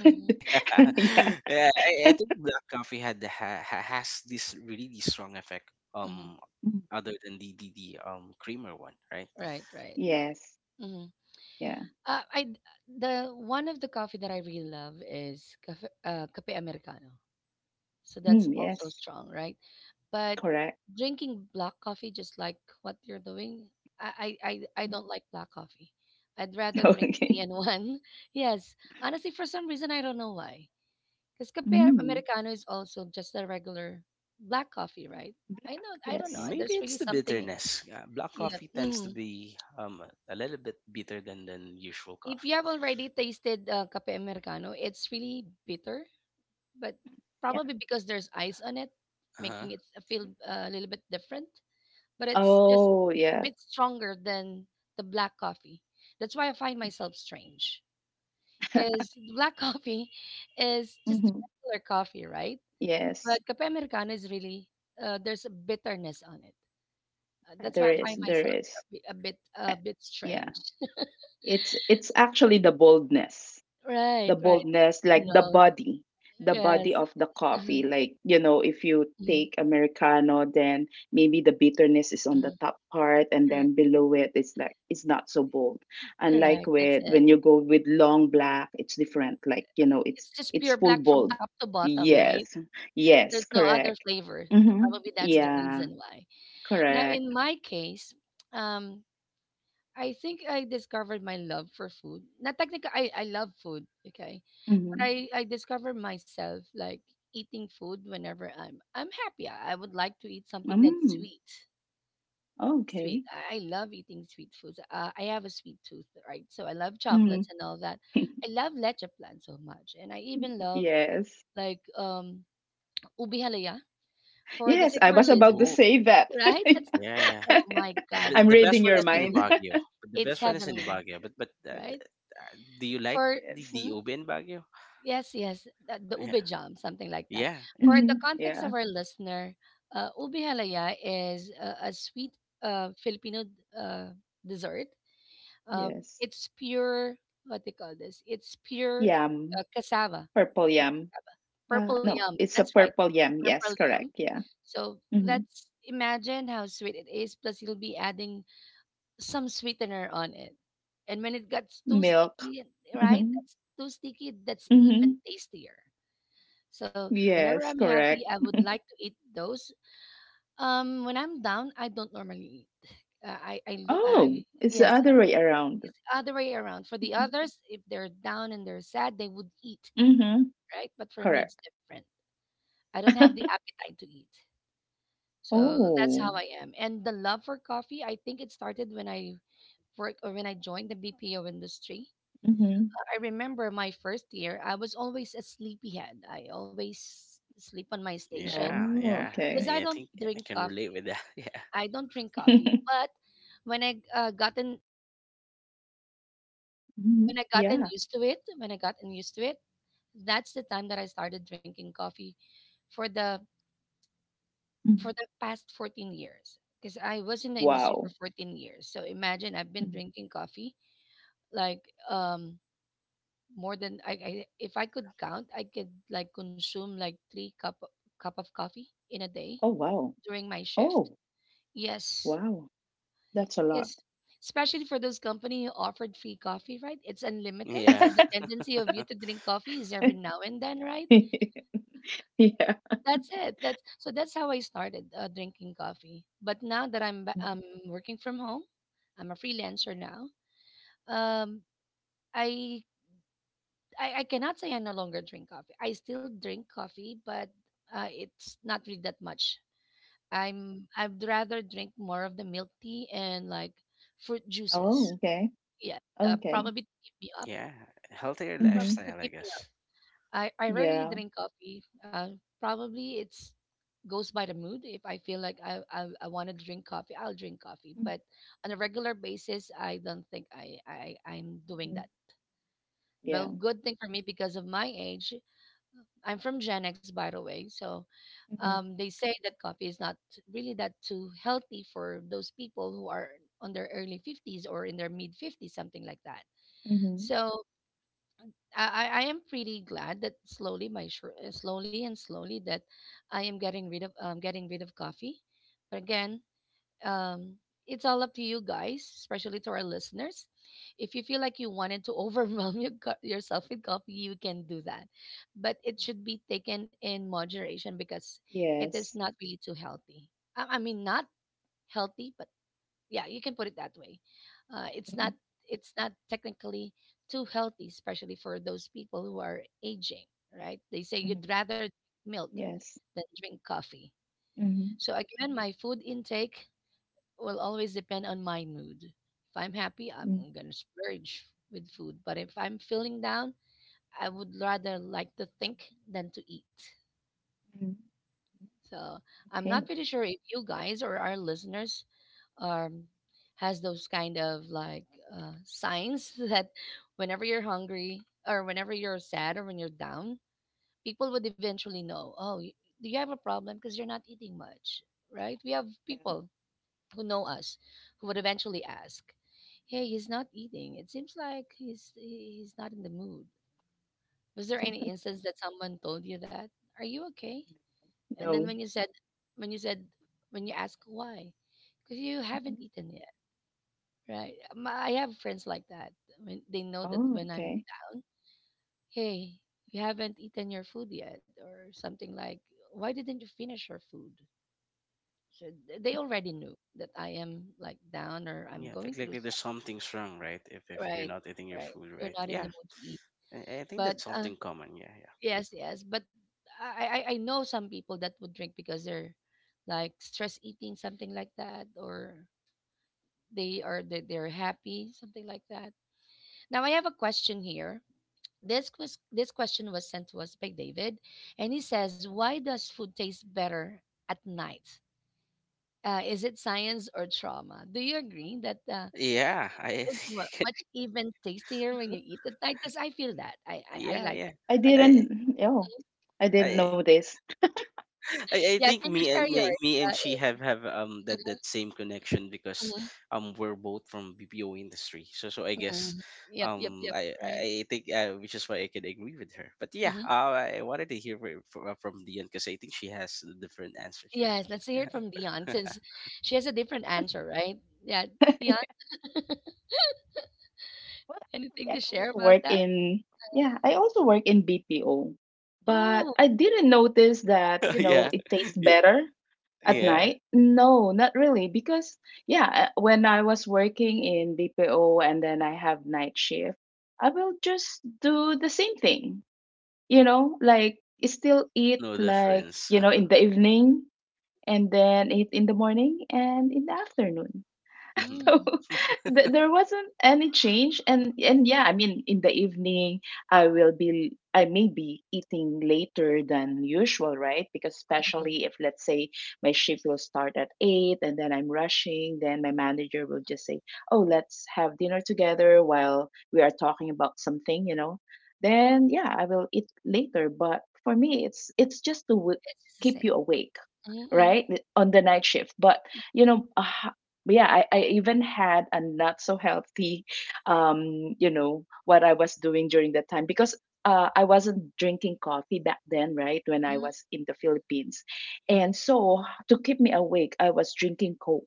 [SPEAKER 1] Mm-hmm.
[SPEAKER 2] yeah.
[SPEAKER 3] Yeah. I think black coffee had the ha, ha, has this really strong effect.
[SPEAKER 1] Mm-hmm.
[SPEAKER 3] Um,
[SPEAKER 2] Mm.
[SPEAKER 3] other than the creamer one, right?
[SPEAKER 1] Right, right.
[SPEAKER 2] Yes.
[SPEAKER 1] Mm-hmm.
[SPEAKER 2] Yeah.
[SPEAKER 1] I the one of the coffee that I really love is cafe americano. So
[SPEAKER 2] Mm,
[SPEAKER 1] that's also
[SPEAKER 2] yes.
[SPEAKER 1] strong, right? But
[SPEAKER 2] Correct.
[SPEAKER 1] drinking black coffee, just like what you're doing, I I I don't like black coffee. I'd rather drink
[SPEAKER 2] Okay.
[SPEAKER 1] three and one. Yes, honestly, for some reason I don't know why. Because Cafe
[SPEAKER 2] Mm.
[SPEAKER 1] Americano is also just a regular black coffee, right? I
[SPEAKER 2] Black.
[SPEAKER 1] know, I don't know.
[SPEAKER 2] Yes.
[SPEAKER 1] And
[SPEAKER 3] Maybe
[SPEAKER 1] there's really
[SPEAKER 3] it's the
[SPEAKER 1] something in it.
[SPEAKER 3] bitterness. Yeah, black
[SPEAKER 1] Yeah.
[SPEAKER 3] coffee tends to
[SPEAKER 1] Mhm.
[SPEAKER 3] be a little bit bitter than usual
[SPEAKER 1] If you
[SPEAKER 3] coffee.
[SPEAKER 1] have already tasted Cafe Americano, it's really bitter, but
[SPEAKER 2] Yeah.
[SPEAKER 1] probably because there's ice on it,
[SPEAKER 3] Uh huh.
[SPEAKER 1] making it feel a little bit different. But it's just
[SPEAKER 2] Oh,
[SPEAKER 1] a
[SPEAKER 2] yeah.
[SPEAKER 1] bit stronger than the black coffee. That's why I find myself strange. Because black coffee is just
[SPEAKER 2] hmm
[SPEAKER 1] regular coffee, right? But
[SPEAKER 2] Yes.
[SPEAKER 1] Cape Americano is really there's a bitterness on it. That's why
[SPEAKER 2] There
[SPEAKER 1] I
[SPEAKER 2] is.
[SPEAKER 1] find
[SPEAKER 2] There
[SPEAKER 1] myself
[SPEAKER 2] is. Uh,
[SPEAKER 1] a bit
[SPEAKER 2] Yeah.
[SPEAKER 1] strange.
[SPEAKER 2] It's actually the boldness. The
[SPEAKER 1] Right, right.
[SPEAKER 2] boldness, like
[SPEAKER 1] No,
[SPEAKER 2] the body
[SPEAKER 1] yes.
[SPEAKER 2] of the coffee.
[SPEAKER 1] Mhm,
[SPEAKER 2] Like, you know, if you
[SPEAKER 1] mhm,
[SPEAKER 2] take Americano, then maybe the bitterness is on the
[SPEAKER 1] mhm.
[SPEAKER 2] top part and then
[SPEAKER 1] Correct,
[SPEAKER 2] below it it's not so bold. Unlike
[SPEAKER 1] correct. That's
[SPEAKER 2] with
[SPEAKER 1] it.
[SPEAKER 2] when you go with long black, it's different. Like, you know, it's
[SPEAKER 1] It's just
[SPEAKER 2] it's
[SPEAKER 1] pure
[SPEAKER 2] full
[SPEAKER 1] black from
[SPEAKER 2] bold.
[SPEAKER 1] top to bottom, right?
[SPEAKER 2] Yes.
[SPEAKER 1] There's
[SPEAKER 2] Yes,
[SPEAKER 1] no other
[SPEAKER 2] correct.
[SPEAKER 1] flavor.
[SPEAKER 2] Mm-hmm.
[SPEAKER 1] Probably that's the
[SPEAKER 2] Yeah,
[SPEAKER 1] reason why. Now,
[SPEAKER 2] correct.
[SPEAKER 1] in my case, um, I think I discovered my love for food. Not technically, I love food. Okay.
[SPEAKER 2] Mm-hmm.
[SPEAKER 1] I discover myself like eating food whenever I'm happy. I would like to eat something that's
[SPEAKER 2] Mm.
[SPEAKER 1] sweet. Sweet.
[SPEAKER 2] Okay.
[SPEAKER 1] I love eating sweet foods. I have a sweet tooth, right? So I love
[SPEAKER 2] Mm.
[SPEAKER 1] chocolates and all that. I love leche plan so much, and I even love
[SPEAKER 2] yes.
[SPEAKER 1] like ubi halaya. For the
[SPEAKER 2] Yes,
[SPEAKER 1] sake
[SPEAKER 2] I
[SPEAKER 1] of our
[SPEAKER 2] was about to
[SPEAKER 3] Oh,
[SPEAKER 1] listeners,
[SPEAKER 2] say that.
[SPEAKER 1] right? That's
[SPEAKER 3] yeah, yeah.
[SPEAKER 1] oh my god,
[SPEAKER 3] The,
[SPEAKER 2] I'm
[SPEAKER 3] the
[SPEAKER 1] it's
[SPEAKER 2] reading
[SPEAKER 3] best one
[SPEAKER 2] your
[SPEAKER 3] is in
[SPEAKER 1] heavenly.
[SPEAKER 2] mind.
[SPEAKER 3] Baguio. But the
[SPEAKER 1] It's
[SPEAKER 3] best one is in
[SPEAKER 1] heavenly,
[SPEAKER 3] Baguio.
[SPEAKER 1] right?
[SPEAKER 3] Uh, do you like
[SPEAKER 1] For
[SPEAKER 3] the
[SPEAKER 2] yes.
[SPEAKER 3] the
[SPEAKER 1] mhm,
[SPEAKER 3] ube in Baguio?
[SPEAKER 1] yes, yes, the ube jam, something like that.
[SPEAKER 3] Yeah, yeah,
[SPEAKER 1] For the
[SPEAKER 2] hmm
[SPEAKER 1] context of
[SPEAKER 2] Yeah.
[SPEAKER 1] our listener, ube halaya is a sweet Filipino uh, dessert. Um,
[SPEAKER 2] Yes.
[SPEAKER 1] it's pure, what they call this? It's pure
[SPEAKER 2] Yam.
[SPEAKER 1] cassava,
[SPEAKER 2] Purple yam.
[SPEAKER 1] purple
[SPEAKER 2] No,
[SPEAKER 1] yum.
[SPEAKER 2] it's
[SPEAKER 1] That's
[SPEAKER 2] a
[SPEAKER 1] right,
[SPEAKER 2] purple yam.
[SPEAKER 1] purple
[SPEAKER 2] Yes,
[SPEAKER 1] yum.
[SPEAKER 2] correct. Yeah.
[SPEAKER 1] So
[SPEAKER 2] hmm
[SPEAKER 1] that's imagine how sweet it is. Plus, you'll be adding some sweetener on it. And when it gets too
[SPEAKER 2] Milk.
[SPEAKER 1] sticky, right?
[SPEAKER 2] Hmm
[SPEAKER 1] That's too sticky. That's even
[SPEAKER 2] hmm
[SPEAKER 1] tastier. So whenever
[SPEAKER 2] Yes,
[SPEAKER 1] I'm happy,
[SPEAKER 2] correct.
[SPEAKER 1] I would like to eat those. When I'm down, I don't normally eat. I lo-
[SPEAKER 2] Oh,
[SPEAKER 1] I
[SPEAKER 2] it's the
[SPEAKER 1] Yes,
[SPEAKER 2] other way around.
[SPEAKER 1] it's the other way around. For the others, if they're down and they're sad, they would eat,
[SPEAKER 2] Mm-hmm.
[SPEAKER 1] right? But for me, it's
[SPEAKER 2] Correct.
[SPEAKER 1] different. I don't have the appetite to eat, so that's
[SPEAKER 2] Oh.
[SPEAKER 1] how I am. And the love for coffee, I think it started when I work or when I joined the BPO industry.
[SPEAKER 2] Mm-hmm.
[SPEAKER 1] I remember my first year, I was always a sleepyhead. I always sleep on my station
[SPEAKER 3] yeah,
[SPEAKER 2] Oh,
[SPEAKER 3] yeah.
[SPEAKER 1] because
[SPEAKER 2] okay.
[SPEAKER 1] I
[SPEAKER 3] I
[SPEAKER 1] don't
[SPEAKER 3] think I
[SPEAKER 1] drink
[SPEAKER 3] can relate
[SPEAKER 1] coffee.
[SPEAKER 3] with that. Yeah,
[SPEAKER 1] I don't drink coffee, but when I
[SPEAKER 2] Mhm.
[SPEAKER 1] gotten
[SPEAKER 2] Yeah.
[SPEAKER 1] used to it, that's the time that I started drinking coffee for the
[SPEAKER 2] Mhm.
[SPEAKER 1] past 14 years because I was in the industry for
[SPEAKER 2] Wow.
[SPEAKER 1] 14 years. So imagine I've been
[SPEAKER 2] Mhm.
[SPEAKER 1] drinking coffee like um more than I if I could count, I could like consume like 3 cup of coffee in a day
[SPEAKER 2] Oh, wow.
[SPEAKER 1] during my shift.
[SPEAKER 2] Oh,
[SPEAKER 1] Yes,
[SPEAKER 2] Wow, that's a lot.
[SPEAKER 1] because especially for those company who offered free coffee, right? It's unlimited.
[SPEAKER 3] yeah,
[SPEAKER 1] So the tendency of you to drink coffee is every now and then, right?
[SPEAKER 2] Yeah.
[SPEAKER 1] That's it. That's so that's how I started drinking coffee. But now that working from home, I'm a freelancer now. Um, I, I cannot say I no longer drink coffee. I still drink coffee, but it's not really that much. I'd rather drink more of the milk tea and like fruit
[SPEAKER 2] Oh,
[SPEAKER 1] juices.
[SPEAKER 2] okay.
[SPEAKER 1] Yeah,
[SPEAKER 2] Okay.
[SPEAKER 1] probably to keep me up
[SPEAKER 3] yeah. Healthier
[SPEAKER 2] Mm-hmm.
[SPEAKER 1] to
[SPEAKER 3] lifestyle, I
[SPEAKER 1] keep me up.
[SPEAKER 3] guess.
[SPEAKER 1] I rarely
[SPEAKER 2] Yeah.
[SPEAKER 1] drink coffee. Probably it's goes by the mood. If I feel like I want to drink coffee, I'll drink coffee. But on a regular basis, I don't think I'm doing
[SPEAKER 2] Mm-hmm.
[SPEAKER 1] that.
[SPEAKER 2] Yeah.
[SPEAKER 1] Well, good thing for me because of my age, I'm from Gen X, by the way. So
[SPEAKER 2] Mm-hmm.
[SPEAKER 1] um, they say that coffee is not really that too healthy for those people who are on their early 50s or in their mid 50s, something like that.
[SPEAKER 2] Mm-hmm.
[SPEAKER 1] So I am pretty glad that slowly and slowly that I am getting rid of coffee. But again, um, it's all up to you guys, especially to our listeners. If you feel like you wanted to overwhelm yourself with coffee, you can do that, but it should be taken in moderation because it is
[SPEAKER 2] Yes.
[SPEAKER 1] not really too healthy. I mean, not healthy, but yeah, you can put it that way. uh, it's
[SPEAKER 2] Mm-hmm.
[SPEAKER 1] not it's not technically too healthy, especially for those people who are aging. Right, they say you'd
[SPEAKER 2] hmm
[SPEAKER 1] rather milk
[SPEAKER 2] Yes.
[SPEAKER 1] than drink coffee.
[SPEAKER 2] Mm-hmm.
[SPEAKER 1] So again, my food intake will always depend on my mood. If I'm happy, I'm
[SPEAKER 2] Mm-hmm.
[SPEAKER 1] going to splurge with food, but if I'm feeling down, I would rather like to think than to eat.
[SPEAKER 2] Mm-hmm.
[SPEAKER 1] So I'm
[SPEAKER 2] Okay.
[SPEAKER 1] not pretty sure if you guys or our listeners um has those kind of like signs that whenever you're hungry or whenever you're sad or when you're down, people would eventually know. Do you have a problem because you're not eating much? Right, we have
[SPEAKER 2] Yeah.
[SPEAKER 1] people who know us who would eventually ask, hey, he's not eating, it seems like he's not in the mood. Was there any instance that someone told you that, are you okay? And then
[SPEAKER 2] No.
[SPEAKER 1] when you said, when you ask why, because you haven't
[SPEAKER 2] hmm
[SPEAKER 1] eaten yet? Right. I have friends like that. I mean, they know that
[SPEAKER 2] Oh,
[SPEAKER 1] when I'm
[SPEAKER 2] okay.
[SPEAKER 1] down, hey, you haven't eaten your food yet, or something like, why didn't you finish your food? So they already knew that I am like down or I'm
[SPEAKER 3] Yeah,
[SPEAKER 1] going
[SPEAKER 3] like, like
[SPEAKER 1] through
[SPEAKER 3] like, there's
[SPEAKER 1] something.
[SPEAKER 3] something's wrong, right? If you're
[SPEAKER 1] Right.
[SPEAKER 3] not eating your
[SPEAKER 1] Right.
[SPEAKER 3] food
[SPEAKER 1] You're
[SPEAKER 3] right.
[SPEAKER 1] not in the
[SPEAKER 3] Yeah,
[SPEAKER 1] mood to eat.
[SPEAKER 3] I think
[SPEAKER 1] But
[SPEAKER 3] that's
[SPEAKER 1] uh,
[SPEAKER 3] something common. Yeah, yeah,
[SPEAKER 1] yes, yes. But I know some people that would drink because they're like stress eating, something like that, or they, they're happy, something like that. Now I have a question here. This question was sent to us by David, and he says, "Why does food taste better at night? Is it science or trauma?" Do you agree that
[SPEAKER 3] yeah.
[SPEAKER 1] it is much even tastier when
[SPEAKER 2] Mhm.
[SPEAKER 1] you eat at night? Because I feel that I, I I
[SPEAKER 3] Yeah,
[SPEAKER 1] like
[SPEAKER 3] yeah.
[SPEAKER 1] that.
[SPEAKER 2] I
[SPEAKER 1] I like it.
[SPEAKER 3] I,
[SPEAKER 2] didn't. Oh, I didn't know
[SPEAKER 3] I,
[SPEAKER 2] this.
[SPEAKER 3] I
[SPEAKER 1] Yeah,
[SPEAKER 3] think
[SPEAKER 1] can you
[SPEAKER 3] me and
[SPEAKER 1] share
[SPEAKER 3] me,
[SPEAKER 1] yours?
[SPEAKER 3] me
[SPEAKER 1] Uh,
[SPEAKER 3] and she have
[SPEAKER 1] eh,
[SPEAKER 3] have that same connection because
[SPEAKER 1] mhm,
[SPEAKER 3] we're both from BPO industry. So I guess
[SPEAKER 1] mhm. Yep, yep,
[SPEAKER 3] um
[SPEAKER 1] yep.
[SPEAKER 3] I
[SPEAKER 1] Right.
[SPEAKER 3] I think, which is why I can agree with her. But yeah,
[SPEAKER 1] Hmm.
[SPEAKER 3] I wanted to hear from Dion because I think she has a different answer here.
[SPEAKER 1] Yes, let's hear it from
[SPEAKER 3] Yeah.
[SPEAKER 1] Dion since she has a different answer, right? Yeah, Dion,
[SPEAKER 2] Well, actually,
[SPEAKER 1] anything to
[SPEAKER 2] I
[SPEAKER 1] share
[SPEAKER 2] also
[SPEAKER 1] about
[SPEAKER 2] work
[SPEAKER 1] that?
[SPEAKER 2] in, yeah, I also work in BPO, but
[SPEAKER 1] Oh,
[SPEAKER 2] I didn't notice that, you know,
[SPEAKER 3] Yeah.
[SPEAKER 2] it tastes
[SPEAKER 3] Y-
[SPEAKER 2] better at
[SPEAKER 3] Yeah.
[SPEAKER 2] night. No, not really, because, yeah, when I was working in BPO and then I have night shift, I will just do the same thing, you know, like still eat
[SPEAKER 3] No
[SPEAKER 2] like,
[SPEAKER 3] difference.
[SPEAKER 2] you know,
[SPEAKER 3] Uh-huh.
[SPEAKER 2] in the evening and then eat in the morning and in the afternoon.
[SPEAKER 3] hmm
[SPEAKER 2] so
[SPEAKER 1] mm,
[SPEAKER 2] there wasn't any change, and yeah, I mean in the evening, I may be eating later than usual, right? Because especially if let's say my shift will start at 8 and then I'm rushing, then my manager will just say, oh, let's have dinner together while we are talking about something, you know. Then yeah, I will eat later, but for me it's just to
[SPEAKER 1] it's just the
[SPEAKER 2] keep you
[SPEAKER 1] same.
[SPEAKER 2] awake,
[SPEAKER 1] Mm-hmm.
[SPEAKER 2] right? On the night shift. But you know yeah, I even had a not so healthy, you know, what I was doing during that time, because I wasn't drinking coffee back then, right? When I
[SPEAKER 1] Mhm,
[SPEAKER 2] was in the Philippines.
[SPEAKER 1] mhm.
[SPEAKER 2] And so to keep me awake I was drinking Coke.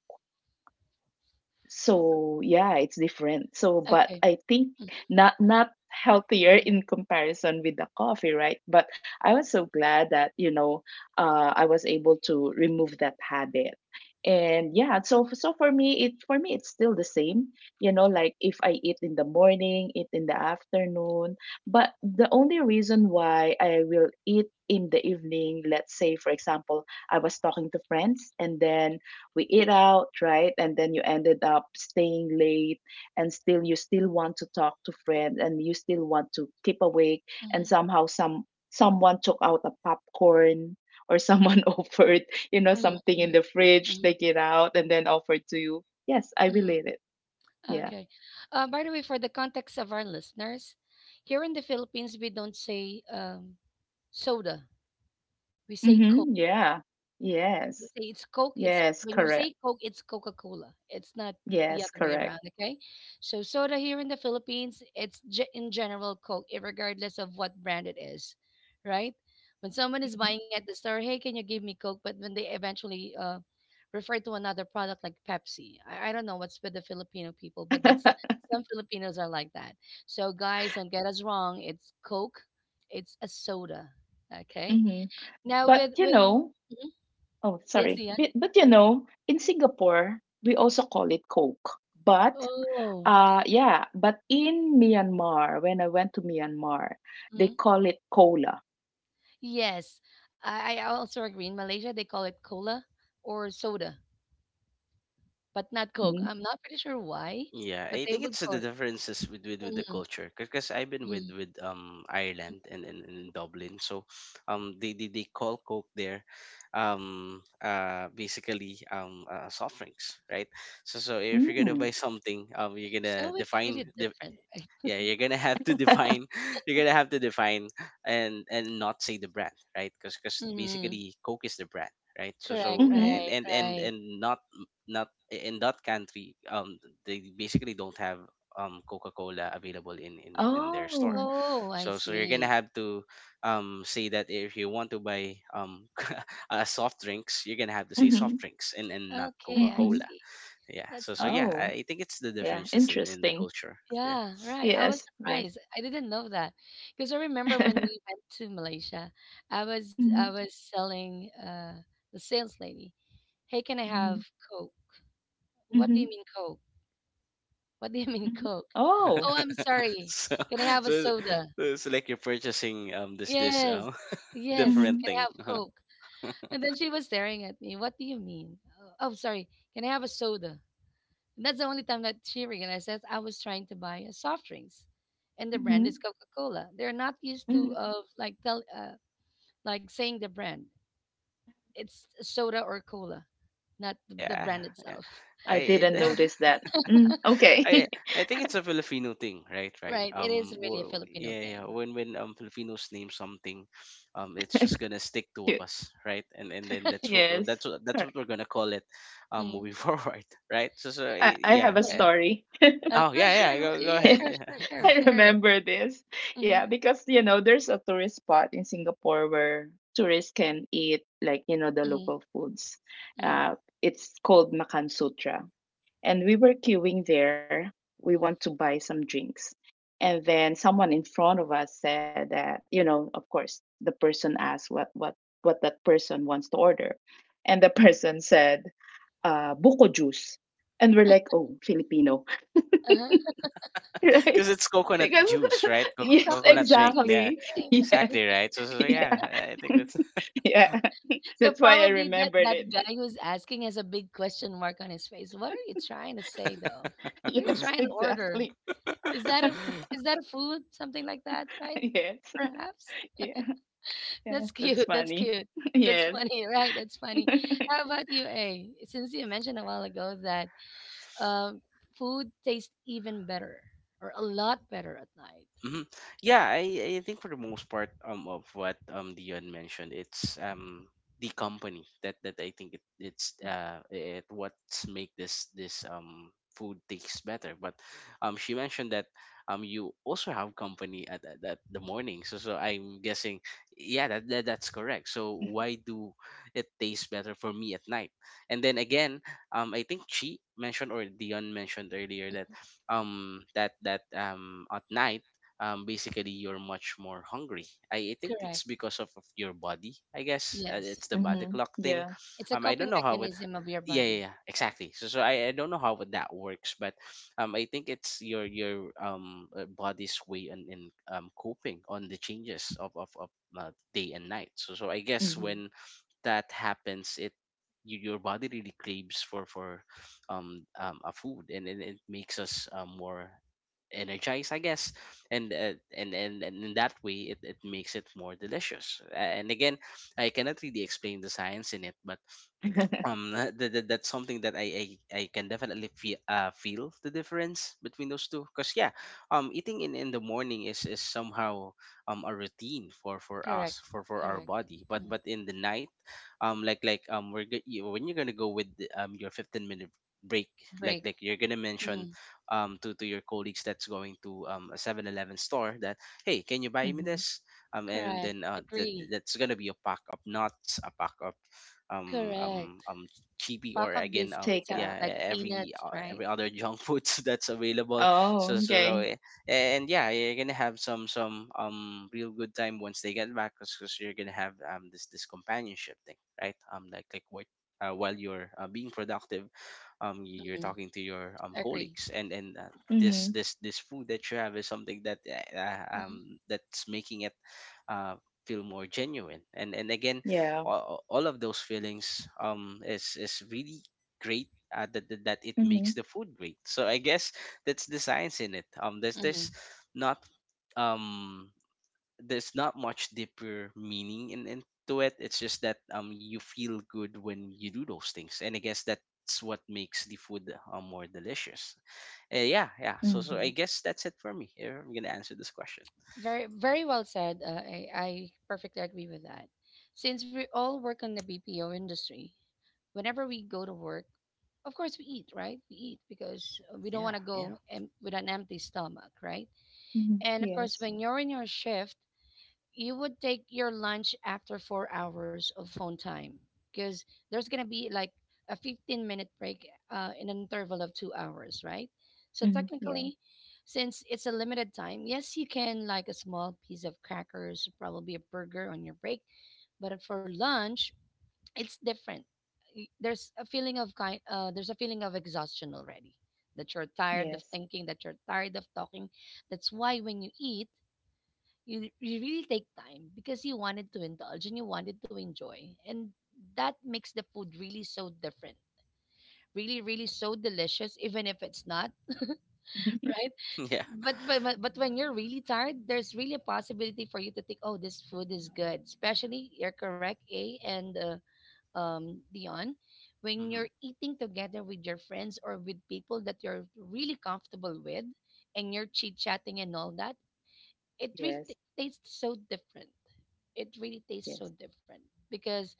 [SPEAKER 2] So yeah, it's different. So but
[SPEAKER 1] Okay.
[SPEAKER 2] I think
[SPEAKER 1] Mhm,
[SPEAKER 2] not not healthier in comparison with the coffee, right? But I was so glad that, you know, I was able to remove that habit. And yeah, so so for me it's still the same. You know, like if I eat in the morning, eat in the afternoon, but the only reason why I will eat in the evening, let's say for example, I was talking to friends and then we eat out, right? And then you ended up staying late, and still you still want to talk to friends and you still want to keep awake, and
[SPEAKER 1] mhm,
[SPEAKER 2] somehow someone took out a popcorn or someone offered, you know,
[SPEAKER 1] mhm,
[SPEAKER 2] something in
[SPEAKER 1] mhm,
[SPEAKER 2] the fridge,
[SPEAKER 1] mhm,
[SPEAKER 2] take it out and then offered to you. Yes, I
[SPEAKER 1] mhm.
[SPEAKER 2] relate it. Yeah.
[SPEAKER 1] Okay. By the way, for the context of our listeners, here in the Philippines, we don't say soda. We say Coke.
[SPEAKER 2] Mm-hmm. Yeah.
[SPEAKER 1] They
[SPEAKER 2] Yes.
[SPEAKER 1] say it's Coke. It's
[SPEAKER 2] Yes,
[SPEAKER 1] when you
[SPEAKER 2] correct.
[SPEAKER 1] say Coke, it's Coca Cola. It's not the
[SPEAKER 2] Yes,
[SPEAKER 1] other way around.
[SPEAKER 2] correct.
[SPEAKER 1] Okay, so soda here in the Philippines, it's in general Coke, regardless of what brand it is, right? When someone is
[SPEAKER 2] Hmm
[SPEAKER 1] buying at the store, hey, can you give me Coke? But when they eventually refer to another product like Pepsi, I don't know what's with the Filipino people, but that's, some Filipinos are like that. So guys, don't get us wrong. It's Coke. It's a soda. Okay.
[SPEAKER 2] hmm
[SPEAKER 1] Now
[SPEAKER 2] But
[SPEAKER 1] with
[SPEAKER 2] you
[SPEAKER 1] with
[SPEAKER 2] know,
[SPEAKER 1] mhm.
[SPEAKER 2] oh,
[SPEAKER 1] Yes,
[SPEAKER 2] sorry.
[SPEAKER 1] yeah.
[SPEAKER 2] But you know, in Singapore, we also call it Coke. But
[SPEAKER 1] Oh,
[SPEAKER 2] yeah, but in Myanmar, when I went to Myanmar, they
[SPEAKER 1] mhm,
[SPEAKER 2] call it cola.
[SPEAKER 1] yes. I also agree. In Malaysia, they call it cola or soda, but not Coke.
[SPEAKER 2] Mm.
[SPEAKER 1] I'm not pretty sure why,
[SPEAKER 3] Yeah,
[SPEAKER 1] but
[SPEAKER 3] I
[SPEAKER 1] they
[SPEAKER 3] think
[SPEAKER 1] would
[SPEAKER 3] it's
[SPEAKER 1] call
[SPEAKER 3] the
[SPEAKER 1] it.
[SPEAKER 3] differences with the culture because I've been with
[SPEAKER 1] Mhm.
[SPEAKER 3] Ireland and Dublin, so they call Coke there, basically soft drinks, right? So if you're gonna
[SPEAKER 2] Mm.
[SPEAKER 3] buy something, you're gonna
[SPEAKER 1] So it's really different, right?
[SPEAKER 3] yeah, you're gonna have to define you're gonna have to define and not say the brand, right? Because
[SPEAKER 1] Mm,
[SPEAKER 3] basically Coke is the brand, right? so
[SPEAKER 1] correct,
[SPEAKER 3] so
[SPEAKER 2] Mm-hmm.
[SPEAKER 3] and
[SPEAKER 1] right,
[SPEAKER 3] and and
[SPEAKER 1] right.
[SPEAKER 3] and not not in that country. They basically don't have Coca-Cola available in their store.
[SPEAKER 2] Oh.
[SPEAKER 1] Oh, I
[SPEAKER 3] So you're gonna
[SPEAKER 1] see.
[SPEAKER 3] have to say that if you want to buy soft drinks. You're gonna have to say soft
[SPEAKER 2] Mm-hmm.
[SPEAKER 3] drinks and not
[SPEAKER 1] Okay,
[SPEAKER 2] Mm-hmm.
[SPEAKER 1] I
[SPEAKER 3] Coca-Cola.
[SPEAKER 1] see.
[SPEAKER 3] Yeah.
[SPEAKER 1] That's
[SPEAKER 3] So yeah,
[SPEAKER 1] nice.
[SPEAKER 2] Oh.
[SPEAKER 3] I think it's the
[SPEAKER 2] Yeah,
[SPEAKER 3] differences in the
[SPEAKER 2] interesting.
[SPEAKER 3] culture. Yeah.
[SPEAKER 1] Yeah, right. I was
[SPEAKER 2] Yes, yes.
[SPEAKER 1] surprised. I didn't know that because I remember when we went to Malaysia, I
[SPEAKER 2] Mm-hmm.
[SPEAKER 1] was selling the sales lady. Hey, can I
[SPEAKER 2] Mm-hmm.
[SPEAKER 1] have Coke? What do you
[SPEAKER 2] Mm-hmm.
[SPEAKER 1] mean Coke? What do you mean
[SPEAKER 2] Mm-hmm.
[SPEAKER 1] Coke?
[SPEAKER 2] Oh.
[SPEAKER 1] Oh, I'm sorry.
[SPEAKER 3] so,
[SPEAKER 1] Can I have a
[SPEAKER 3] so
[SPEAKER 1] soda?
[SPEAKER 3] it's like you're purchasing this
[SPEAKER 1] Yes. Yes.
[SPEAKER 3] different
[SPEAKER 2] Mm-hmm.
[SPEAKER 1] Can I have
[SPEAKER 3] thing.
[SPEAKER 1] Coke?
[SPEAKER 3] Uh-huh.
[SPEAKER 1] And then she was staring at me. What do you mean? Oh, oh, sorry. Can I have a soda? That's the only time that she recognized that I was trying to buy a soft drinks, and the brand
[SPEAKER 2] Mm-hmm.
[SPEAKER 1] is Coca Cola. They're not used to
[SPEAKER 2] Mm-hmm.
[SPEAKER 1] of like tell like saying the brand. It's soda or cola, not the
[SPEAKER 3] Yeah,
[SPEAKER 1] brand
[SPEAKER 3] yeah.
[SPEAKER 1] itself.
[SPEAKER 3] I
[SPEAKER 2] I
[SPEAKER 3] it,
[SPEAKER 2] didn't notice that. Mm, okay.
[SPEAKER 3] I think it's a Filipino thing, right?
[SPEAKER 1] So,
[SPEAKER 3] Right.
[SPEAKER 1] right. It is really a Filipino
[SPEAKER 3] Yeah, yeah.
[SPEAKER 1] thing.
[SPEAKER 3] When Filipinos name something, it's just gonna stick to us, right? And then
[SPEAKER 2] Yes.
[SPEAKER 3] that's what we're gonna call it,
[SPEAKER 1] Hmm.
[SPEAKER 3] moving forward, right?
[SPEAKER 2] I have
[SPEAKER 3] Yeah.
[SPEAKER 2] a
[SPEAKER 3] Eh.
[SPEAKER 1] Uh-huh.
[SPEAKER 2] story.
[SPEAKER 3] Oh, yeah, yeah.
[SPEAKER 1] Sure.
[SPEAKER 3] Go go
[SPEAKER 1] Yeah, yeah,
[SPEAKER 3] ahead.
[SPEAKER 1] sure,
[SPEAKER 3] Yeah.
[SPEAKER 1] sure, sure.
[SPEAKER 2] I
[SPEAKER 1] Share it.
[SPEAKER 2] remember this. Yeah,
[SPEAKER 1] Mm-hmm.
[SPEAKER 2] because you know, there's a tourist spot in Singapore where tourists can eat like, you know, the
[SPEAKER 1] Mm-hmm.
[SPEAKER 2] local foods.
[SPEAKER 1] Mm-hmm.
[SPEAKER 2] Uh, it's called Makan Sutra. And we were queuing there. We want to buy some drinks. And then someone in front of us said that, you know, of course, the person asked what that person wants to order. And the person said, buko juice. And we're like, oh, Filipino,
[SPEAKER 1] Uh-huh.
[SPEAKER 2] right?
[SPEAKER 3] Because it's coconut
[SPEAKER 2] Because
[SPEAKER 3] juice, right?
[SPEAKER 1] It's
[SPEAKER 2] yes,
[SPEAKER 1] coconut
[SPEAKER 3] Coconut drink.
[SPEAKER 1] shoes,
[SPEAKER 3] Yeah,
[SPEAKER 2] exactly.
[SPEAKER 1] right?
[SPEAKER 2] Yes.
[SPEAKER 3] exactly right. So, so so yeah,
[SPEAKER 2] Yeah.
[SPEAKER 3] I think that's.
[SPEAKER 2] Yeah.
[SPEAKER 1] So
[SPEAKER 2] That's why I
[SPEAKER 1] probably that
[SPEAKER 2] remembered
[SPEAKER 1] that
[SPEAKER 2] it.
[SPEAKER 1] guy who's asking has a big question mark on his face. What are you trying to say though? What are you
[SPEAKER 2] Yes,
[SPEAKER 1] trying to order?
[SPEAKER 2] exactly.
[SPEAKER 1] Is that a, is that a food? Something like that, right?
[SPEAKER 2] Yes.
[SPEAKER 1] Perhaps.
[SPEAKER 2] Yeah. Yeah,
[SPEAKER 1] That's
[SPEAKER 2] that's
[SPEAKER 1] cute. That's
[SPEAKER 2] funny.
[SPEAKER 1] cute. That's
[SPEAKER 2] Yes.
[SPEAKER 1] funny, right? That's funny.
[SPEAKER 2] Mm-hmm.
[SPEAKER 1] How about you, A? Since you mentioned a while ago that um, food tastes even better or a lot better at night.
[SPEAKER 3] Hmm. Yeah, I think for the most part of what Dion mentioned, it's the company that I think it's it what's make this food taste better. But she mentioned that you also have company at the morning. So I'm guessing yeah that, that's correct. So why do it taste better for me at night? And then again, I think she mentioned or Dion mentioned earlier that that at night basically you're much more hungry. I think
[SPEAKER 1] Correct.
[SPEAKER 3] it's because of your body, I guess.
[SPEAKER 1] Yes.
[SPEAKER 3] It's the
[SPEAKER 1] Hmm.
[SPEAKER 3] body clock
[SPEAKER 2] Yeah.
[SPEAKER 3] thing.
[SPEAKER 1] It's a
[SPEAKER 3] I
[SPEAKER 1] coping
[SPEAKER 3] don't know how it.
[SPEAKER 1] mechanism of your
[SPEAKER 3] Yeah,
[SPEAKER 1] body.
[SPEAKER 3] yeah, yeah,
[SPEAKER 1] Right.
[SPEAKER 3] exactly. So I don't know how that works, but I think it's your body's way in coping on the changes of day and night. So I guess
[SPEAKER 2] Mm-hmm.
[SPEAKER 3] when that happens it your body really craves for a food, and it makes us more energized, I guess. And in that way, it makes it more delicious. And again, I cannot really explain the science in it, but that's something that I can definitely feel feel the difference between those two because yeah. Eating in the morning is somehow a routine for
[SPEAKER 1] Correct.
[SPEAKER 3] us for our
[SPEAKER 1] Correct.
[SPEAKER 3] body, but
[SPEAKER 1] Mm.
[SPEAKER 3] but in the night like when you're gonna go with your 15-minute minute break,
[SPEAKER 1] Break.
[SPEAKER 3] like you're gonna
[SPEAKER 1] Hmm.
[SPEAKER 3] mention to your colleagues that's going to a 7-Eleven store that, hey, can you buy me
[SPEAKER 2] Mm-hmm.
[SPEAKER 3] this, and
[SPEAKER 1] Correct.
[SPEAKER 3] then
[SPEAKER 1] Agree.
[SPEAKER 3] that's gonna be a pack of nuts, a pack of um um
[SPEAKER 1] Correct.
[SPEAKER 3] um chibi, or
[SPEAKER 1] Pack of
[SPEAKER 3] again
[SPEAKER 2] Take
[SPEAKER 1] biscuits,
[SPEAKER 2] out.
[SPEAKER 3] yeah,
[SPEAKER 1] something like peanuts, right?
[SPEAKER 3] every other junk food that's available.
[SPEAKER 2] Oh,
[SPEAKER 3] so so, so
[SPEAKER 2] okay.
[SPEAKER 3] eh, and yeah, you're gonna have some real good time once they get back, because you're gonna have this companionship thing, right? Like what, while you're being productive, you're
[SPEAKER 1] Hmm.
[SPEAKER 3] talking to your
[SPEAKER 1] Agree.
[SPEAKER 3] colleagues, and this
[SPEAKER 2] Mm-hmm.
[SPEAKER 3] this this food that you have is something that
[SPEAKER 1] Hmm.
[SPEAKER 3] that's making it uh feel more genuine. And again,
[SPEAKER 2] Yeah.
[SPEAKER 3] all of those feelings is really great, that it makes
[SPEAKER 2] Mm-hmm.
[SPEAKER 3] the food great, so I guess that's the science in it.
[SPEAKER 1] Hmm.
[SPEAKER 3] Not um there's not much deeper meaning into it. It's just that you feel good when you do those things, and I guess that's what makes the food more delicious. Yeah, yeah. So I
[SPEAKER 2] Mm-hmm.
[SPEAKER 3] guess that's it for me if I'm gonna answer this question.
[SPEAKER 1] Very, very well said. I perfectly agree with that. Since we all work in the BPO industry, whenever we go to work, of course we eat, right? We eat because we don't
[SPEAKER 3] Yeah,
[SPEAKER 1] want to
[SPEAKER 3] yeah.
[SPEAKER 1] go with an empty stomach, right?
[SPEAKER 2] Mm-hmm.
[SPEAKER 1] And of course,
[SPEAKER 2] Yes.
[SPEAKER 1] when you're in your shift, you would take your lunch after 4 hours of phone time because there's going to be like a 15-minute break in an interval of 2 hours, right? So,
[SPEAKER 2] Mm-hmm. Yeah.
[SPEAKER 1] technically, since it's a limited time, yes, you can like a small piece of crackers, probably a burger on your break. But for lunch, it's different. There's a feeling of there's a feeling of exhaustion already, that you're tired of
[SPEAKER 2] Yes.
[SPEAKER 1] thinking, that you're tired of talking. That's why when you eat, you really take time because you wanted to indulge and you wanted to enjoy, and that makes the food really so different, really really so delicious, even if it's not, right?
[SPEAKER 3] Yeah.
[SPEAKER 1] But when you're really tired, there's really a possibility for you to think, oh this food is good. Especially, you're correct, A, and Dion, when
[SPEAKER 3] Mm-hmm.
[SPEAKER 1] you're eating together with your friends or with people that you're really comfortable with, and you're chit chatting and all that, it really
[SPEAKER 2] Yes.
[SPEAKER 1] tastes so different. It really tastes so
[SPEAKER 2] Yes.
[SPEAKER 1] different because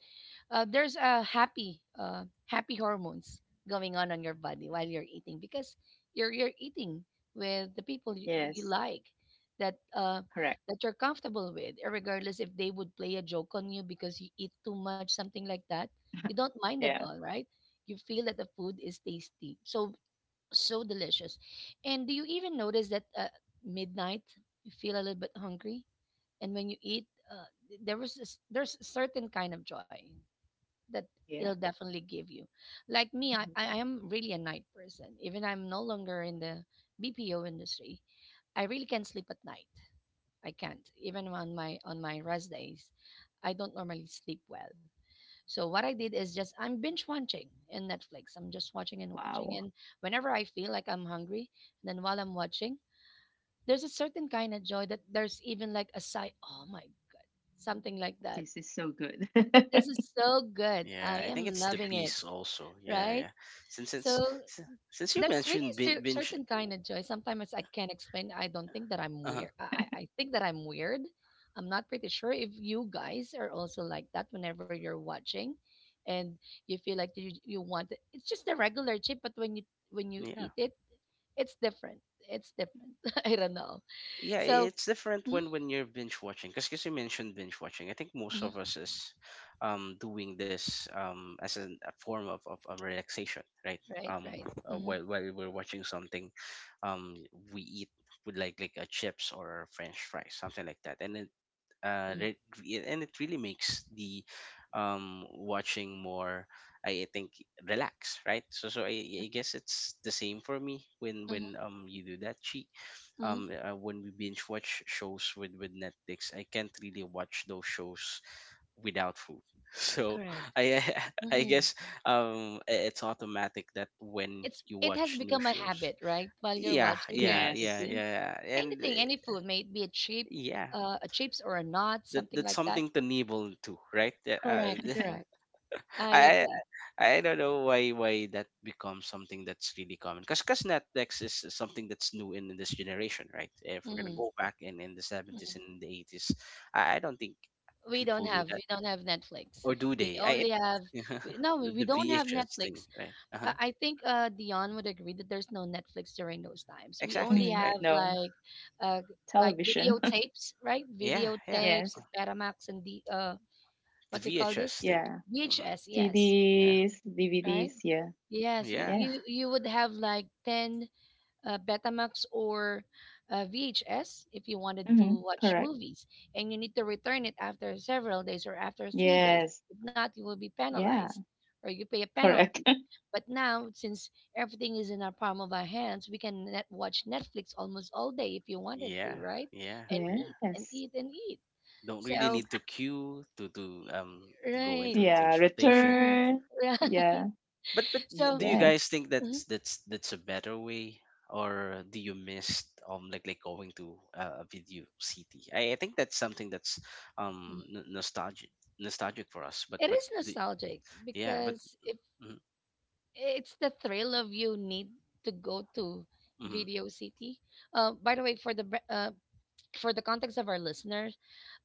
[SPEAKER 1] there's a happy happy hormones going on your body while you're eating, because you're eating with the people that you
[SPEAKER 2] Yes,
[SPEAKER 1] like, that uh,
[SPEAKER 2] correct.
[SPEAKER 1] that you're comfortable with, regardless if they would play a joke on you because you eat too much, something like that. You don't mind at
[SPEAKER 2] Yeah.
[SPEAKER 1] all, right? You feel that the food is tasty, so so delicious. And do you even notice that midnight, you feel a little bit hungry, and when you eat there was this, there's a certain kind of joy that it'll
[SPEAKER 2] Yeah.
[SPEAKER 1] definitely give you. Like me, I,
[SPEAKER 2] Mhm.
[SPEAKER 1] I am really a night person. Even I'm no longer in the BPO industry, I really can't sleep at night. I can't even on my rest days, I don't normally sleep well. So what I did is just I'm binge watching in Netflix. I'm just watching and watching,
[SPEAKER 2] Wow.
[SPEAKER 1] and whenever I feel like I'm hungry, then while I'm watching, there's a certain kind of joy, that there's even like a sigh, oh my, something like that.
[SPEAKER 2] This is so good.
[SPEAKER 1] This is so good. I
[SPEAKER 3] Yeah, I
[SPEAKER 1] am
[SPEAKER 3] think it's the
[SPEAKER 1] loving it,
[SPEAKER 3] beast also. Yeah,
[SPEAKER 1] right?
[SPEAKER 3] yeah. Since
[SPEAKER 1] So
[SPEAKER 3] since s- since you
[SPEAKER 1] there's really
[SPEAKER 3] mentioned binge,
[SPEAKER 1] certain kind of joy. Sometimes I can't explain. I don't think that I'm
[SPEAKER 3] uh,
[SPEAKER 1] weird. I think that I'm weird. I'm not pretty sure if you guys are also like that whenever you're watching, and you feel like you want it. It's just a regular chip, but when you
[SPEAKER 3] yeah,
[SPEAKER 1] eat it, it's different. It's different. I don't know.
[SPEAKER 3] yeah,
[SPEAKER 1] So,
[SPEAKER 3] it's different
[SPEAKER 1] mhm,
[SPEAKER 3] when you're binge watching. Because you mentioned binge watching, I think most of
[SPEAKER 1] mhm,
[SPEAKER 3] us is, doing this as a form of relaxation, right?
[SPEAKER 1] right,
[SPEAKER 3] Um,
[SPEAKER 1] right. Hmm.
[SPEAKER 3] while we're watching something, um, we eat with like a chips or french fries, something like that, and
[SPEAKER 1] Hmm.
[SPEAKER 3] and it really makes the watching more, I think, relax, right? So I guess it's the same for me when
[SPEAKER 1] Hmm.
[SPEAKER 3] you do that cheat
[SPEAKER 1] Hmm.
[SPEAKER 3] when we binge watch shows with Netflix. I can't really watch those shows without food. So
[SPEAKER 1] Correct.
[SPEAKER 3] I I
[SPEAKER 1] Mm-hmm.
[SPEAKER 3] guess it's automatic that when
[SPEAKER 1] It's
[SPEAKER 3] you
[SPEAKER 1] it has
[SPEAKER 3] watch new
[SPEAKER 1] become a
[SPEAKER 3] shows.
[SPEAKER 1] habit, right? While you're
[SPEAKER 3] Yeah,
[SPEAKER 1] watching, you're
[SPEAKER 3] yeah, yeah,
[SPEAKER 2] Yes.
[SPEAKER 1] eating
[SPEAKER 3] yeah. and
[SPEAKER 1] anything, any food, may it be a chip,
[SPEAKER 3] yeah,
[SPEAKER 1] a chips or a nut, something
[SPEAKER 3] that's
[SPEAKER 1] like that.
[SPEAKER 3] something to nibble to, right? Yeah.
[SPEAKER 1] Correct, correct. I
[SPEAKER 3] I
[SPEAKER 1] agree.
[SPEAKER 3] I don't know why that becomes something that's really common. Cause Netflix is something that's new in this generation, right? If we're gonna
[SPEAKER 1] Hmm.
[SPEAKER 3] go back in the 70s and the 80s, I don't think people do that,
[SPEAKER 1] We don't have
[SPEAKER 3] or
[SPEAKER 1] Netflix.
[SPEAKER 3] do
[SPEAKER 1] We
[SPEAKER 3] they?
[SPEAKER 1] only have no, we
[SPEAKER 3] The
[SPEAKER 1] don't have
[SPEAKER 3] VHS thing,
[SPEAKER 1] Netflix.
[SPEAKER 3] right? Uh-huh.
[SPEAKER 1] I think Dion would agree that there's no Netflix during those times. We
[SPEAKER 3] Exactly,
[SPEAKER 1] only
[SPEAKER 2] Mm,
[SPEAKER 3] right?
[SPEAKER 1] have
[SPEAKER 2] no.
[SPEAKER 1] uh, like
[SPEAKER 2] Television.
[SPEAKER 1] videotapes, right?
[SPEAKER 3] Yeah, yeah.
[SPEAKER 1] Videotapes,
[SPEAKER 2] Yes.
[SPEAKER 1] Betamax, and the
[SPEAKER 3] The
[SPEAKER 1] what they call this?
[SPEAKER 3] VHS thing.
[SPEAKER 2] Yeah.
[SPEAKER 3] Hmm.
[SPEAKER 1] VHS, yes,
[SPEAKER 3] Yeah,
[SPEAKER 2] CDs,
[SPEAKER 1] right?
[SPEAKER 2] DVDs. Yeah.
[SPEAKER 1] Yes,
[SPEAKER 3] yeah,
[SPEAKER 2] Yes.
[SPEAKER 1] you would have like 10 Betamax or VHS if you wanted
[SPEAKER 2] hmm
[SPEAKER 1] to watch
[SPEAKER 2] Correct.
[SPEAKER 1] movies, and you need to return it after several days or after 3 days.
[SPEAKER 2] Yes.
[SPEAKER 1] If not, you will be
[SPEAKER 2] Yeah.
[SPEAKER 1] penalized or you pay a
[SPEAKER 2] Correct.
[SPEAKER 1] penalty. But now, since everything is in our palm of our hands, we can net watch Netflix almost all day if you wanted to,
[SPEAKER 3] yeah,
[SPEAKER 1] right?
[SPEAKER 3] yeah,
[SPEAKER 1] And
[SPEAKER 3] yeah.
[SPEAKER 1] eat and
[SPEAKER 2] Yes.
[SPEAKER 1] eat and eat.
[SPEAKER 3] Don't really
[SPEAKER 1] So,
[SPEAKER 3] need to queue to go
[SPEAKER 1] right.
[SPEAKER 3] into
[SPEAKER 2] Yeah.
[SPEAKER 3] intense rotation.
[SPEAKER 1] Mm-hmm.
[SPEAKER 2] Return.
[SPEAKER 1] Right.
[SPEAKER 2] Yeah.
[SPEAKER 3] But do
[SPEAKER 1] So,
[SPEAKER 3] you
[SPEAKER 2] Yes.
[SPEAKER 3] guys think that's
[SPEAKER 1] mhm.
[SPEAKER 3] that's that's a better way, or do you miss like going to a Video City? I think that's something that's um n- nostalgic nostalgic for us. But
[SPEAKER 1] It
[SPEAKER 3] but
[SPEAKER 1] is
[SPEAKER 3] the,
[SPEAKER 1] nostalgic
[SPEAKER 3] yeah, but
[SPEAKER 1] because if
[SPEAKER 3] mm,
[SPEAKER 1] it's the thrill of you need to go to
[SPEAKER 3] hmm.
[SPEAKER 1] Video City. By the way, for the for the context of our listeners,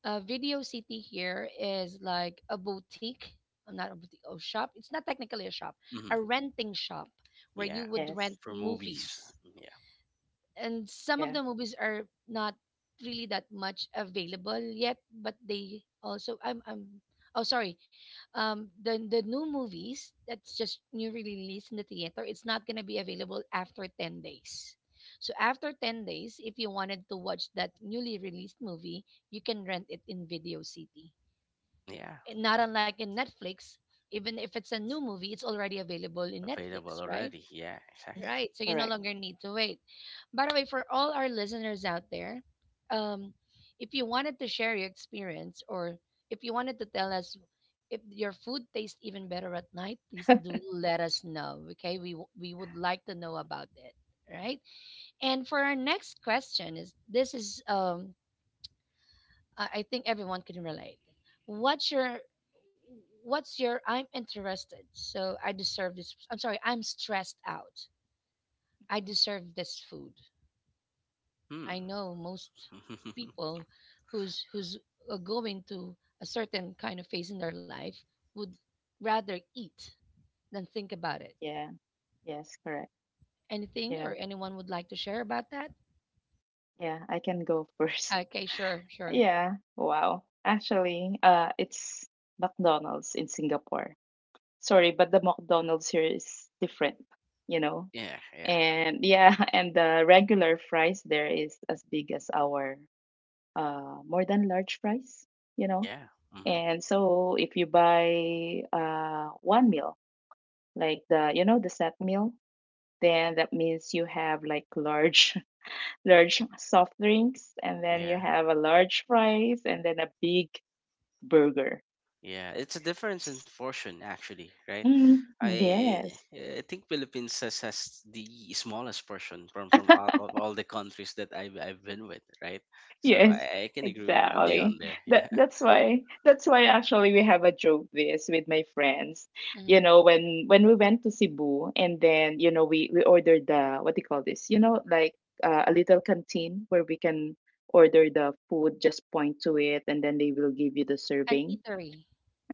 [SPEAKER 1] Video City here is like a boutique, not a boutique, oh, shop. It's not technically a shop,
[SPEAKER 3] Hmm.
[SPEAKER 1] a renting shop where
[SPEAKER 3] Yeah,
[SPEAKER 1] you would rent
[SPEAKER 2] Yes.
[SPEAKER 3] for movies.
[SPEAKER 1] movies
[SPEAKER 3] Yeah,
[SPEAKER 1] and some of
[SPEAKER 2] Yeah.
[SPEAKER 1] the movies are not really that much available yet but they also I'm oh sorry the new movies that's just new release in the theater, it's not going to be available after 10 days. So after 10 days, if you wanted to watch that newly released movie, you can rent it in Video City
[SPEAKER 3] yeah,
[SPEAKER 1] and not unlike in Netflix. Even if it's a new movie, it's already available in Netflix,
[SPEAKER 3] available
[SPEAKER 1] right?
[SPEAKER 3] already. Yeah,
[SPEAKER 2] Mm,
[SPEAKER 3] exactly.
[SPEAKER 1] Right. So you no
[SPEAKER 2] Correct.
[SPEAKER 1] longer need to wait. By the way, for all our listeners out there, um, if you wanted to share your experience or if you wanted to tell us if your food tastes even better at night, please do let us know. Okay. We would like to know about it. Right. And for our next question is this is, I think everyone can relate. What's your, what's your, I'm interested. So I deserve this. I'm sorry. I'm stressed out. I deserve this food. I
[SPEAKER 3] Hmm.
[SPEAKER 1] know most people who's going to a certain kind of phase in their life would rather eat than think about it.
[SPEAKER 2] Yeah. Yes. Correct.
[SPEAKER 1] Anything
[SPEAKER 2] Yeah.
[SPEAKER 1] or anyone would like to share about that?
[SPEAKER 2] Yeah. I can go first.
[SPEAKER 1] Okay, sure, sure.
[SPEAKER 2] Yeah. Wow. Actually, it's McDonald's in Singapore. Sorry, but the McDonald's here is different, you know.
[SPEAKER 3] Yeah, yeah,
[SPEAKER 2] And yeah, and the regular fries there is as big as our more than large fries, you know.
[SPEAKER 3] yeah. Hmm.
[SPEAKER 2] And so if you buy one meal, like the you know the set meal, then that means you have like large large soft drinks and then you
[SPEAKER 3] Yeah.
[SPEAKER 2] have a large fries and then a big burger.
[SPEAKER 3] Yeah, it's a difference in fortune actually, right?
[SPEAKER 2] Mm,
[SPEAKER 3] I
[SPEAKER 2] yes.
[SPEAKER 3] I think Philippines has the smallest portion from of all the countries that I've been with, right? So
[SPEAKER 2] Yes,
[SPEAKER 3] I can agree with you on
[SPEAKER 2] exactly.
[SPEAKER 3] there. Yeah.
[SPEAKER 2] That's why actually we have a joke this with my friends.
[SPEAKER 1] Hmm.
[SPEAKER 2] You know, when we went to Cebu and then, you know, we ordered the what do you call this? You know, like a little canteen where we can order the food, just point to it and then they will give you the
[SPEAKER 1] An
[SPEAKER 2] serving.
[SPEAKER 1] eatery,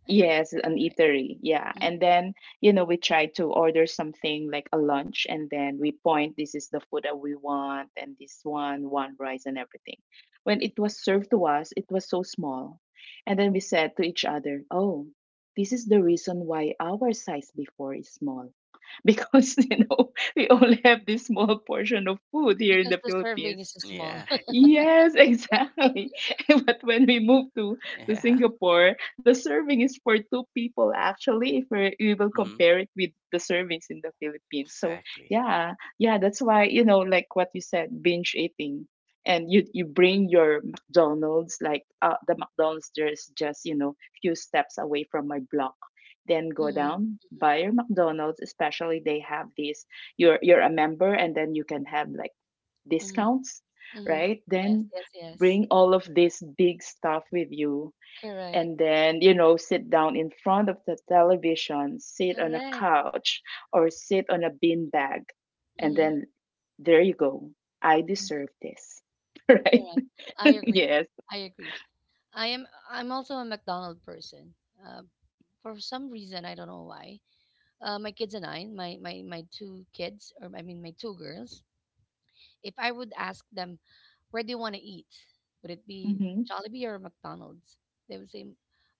[SPEAKER 1] an
[SPEAKER 2] Yes,
[SPEAKER 1] eatery,
[SPEAKER 2] an
[SPEAKER 1] right?
[SPEAKER 2] eatery. Yeah.
[SPEAKER 1] Mhm.
[SPEAKER 2] And then, we try to order something like a lunch, and then we point, this is the food that we want, and this one rice and everything. When it was served to us, it was so small. And then we said to each other, "Oh, this is the reason why our size before is small," because, we only have this small portion of food here in the
[SPEAKER 1] Because the serving
[SPEAKER 2] Philippines.
[SPEAKER 1] is so
[SPEAKER 3] Yeah.
[SPEAKER 1] small.
[SPEAKER 3] Hmm.
[SPEAKER 2] Yes, exactly. But when we move to
[SPEAKER 3] Yeah.
[SPEAKER 2] Singapore, the serving is for two people actually. If we will
[SPEAKER 3] Hmm.
[SPEAKER 2] compare it with the servings in the Philippines, so
[SPEAKER 3] Exactly.
[SPEAKER 2] yeah, yeah, that's why, like what you said, binge eating, and you bring your McDonald's, like the McDonald's, there's just, few steps away from my block. Then go
[SPEAKER 1] Hmm.
[SPEAKER 2] down, buy your McDonald's. Especially they have this. You're a member, and then you can have like
[SPEAKER 1] Hmm.
[SPEAKER 2] discounts,
[SPEAKER 1] Hmm.
[SPEAKER 2] right?
[SPEAKER 1] Yes,
[SPEAKER 2] Then
[SPEAKER 1] yes, yes.
[SPEAKER 2] bring all of this big stuff with you, and
[SPEAKER 1] Correct,
[SPEAKER 2] then, sit down in front of the television, sit on a
[SPEAKER 1] correct.
[SPEAKER 2] couch or sit on a beanbag. And
[SPEAKER 1] Hmm.
[SPEAKER 2] then there you go. I deserve this, right?
[SPEAKER 1] Correct. I agree.
[SPEAKER 2] Yes.
[SPEAKER 1] I agree. I'm also a McDonald person. For some reason, I don't know why. My kids and I, my two kids, or I mean my two girls, if I would ask them where do you want to eat, would it be
[SPEAKER 2] Hmm.
[SPEAKER 1] Jollibee or McDonald's? They would say,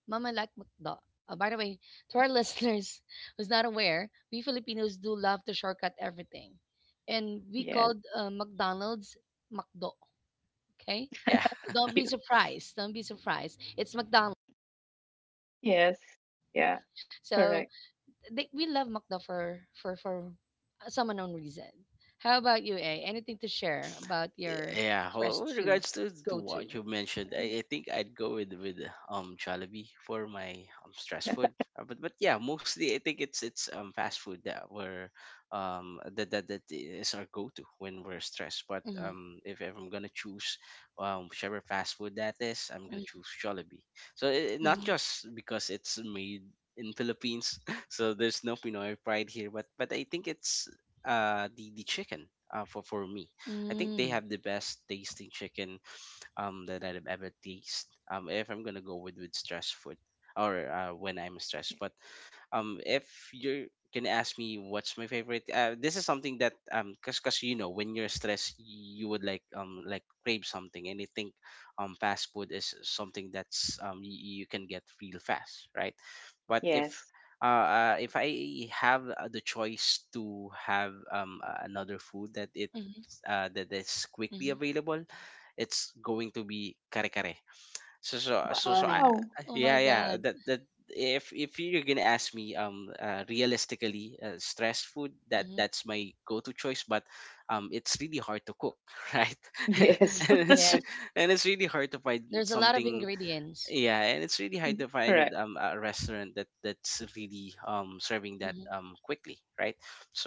[SPEAKER 1] "Mama I like McDo." By the way, to our listeners who's not aware, we Filipinos do love to shortcut everything, and we
[SPEAKER 2] Yes.
[SPEAKER 1] called McDonald's McDo. Okay,
[SPEAKER 3] Yeah.
[SPEAKER 1] so don't be
[SPEAKER 2] Cute.
[SPEAKER 1] surprised. Don't be surprised. It's McDonald's.
[SPEAKER 2] Yes. Yeah.
[SPEAKER 1] So
[SPEAKER 2] Correct.
[SPEAKER 1] we love McDo for some unknown reason. How about you, A? Anything to share about your
[SPEAKER 3] Yeah,
[SPEAKER 1] fast
[SPEAKER 3] with
[SPEAKER 1] food
[SPEAKER 3] regards to
[SPEAKER 1] go to?
[SPEAKER 3] what you mentioned, I think I'd go with Jollibee for my stress food. But yeah, mostly I think it's fast food that that is our go to when we're stressed. But
[SPEAKER 1] Mm,
[SPEAKER 3] if I'm gonna choose whichever fast food that is, I'm gonna
[SPEAKER 1] mm,
[SPEAKER 3] choose Jollibee. Not
[SPEAKER 1] mm,
[SPEAKER 3] just because it's made in Philippines, so there's no Pinoy pride here. But I think it's the chicken, for me. I think they
[SPEAKER 1] mm,
[SPEAKER 3] have the best tasting chicken that I've ever tasted. If I'm gonna go with stress food, or when I'm stressed, but if you're gonna ask me what's my favorite, this is something that cause, you know, when you're stressed, you would like crave something, and I think fast food is something that's you can get real fast, right? But
[SPEAKER 2] Yes.
[SPEAKER 3] if I have the choice to have another food
[SPEAKER 1] mm,
[SPEAKER 3] that is quickly
[SPEAKER 1] mm.
[SPEAKER 3] available, it's going to be kare kare. So so
[SPEAKER 1] Oh
[SPEAKER 3] so so
[SPEAKER 1] my.
[SPEAKER 2] Wow.
[SPEAKER 1] Oh my
[SPEAKER 3] yeah, yeah,
[SPEAKER 1] God.
[SPEAKER 3] that that if you're gonna ask me realistically, stress food,
[SPEAKER 1] Mhm,
[SPEAKER 3] that's my go-to choice, but it's really hard to cook. Right.
[SPEAKER 2] Yes.
[SPEAKER 1] mhm.
[SPEAKER 3] and it's
[SPEAKER 1] Yes.
[SPEAKER 3] and it's really hard to find
[SPEAKER 1] There's a lot of
[SPEAKER 3] something.
[SPEAKER 1] ingredients.
[SPEAKER 3] Yeah, and it's really
[SPEAKER 2] Mm.
[SPEAKER 3] hard to
[SPEAKER 2] Correct.
[SPEAKER 3] find a restaurant that that's really serving that
[SPEAKER 1] Mhm,
[SPEAKER 3] quickly, right?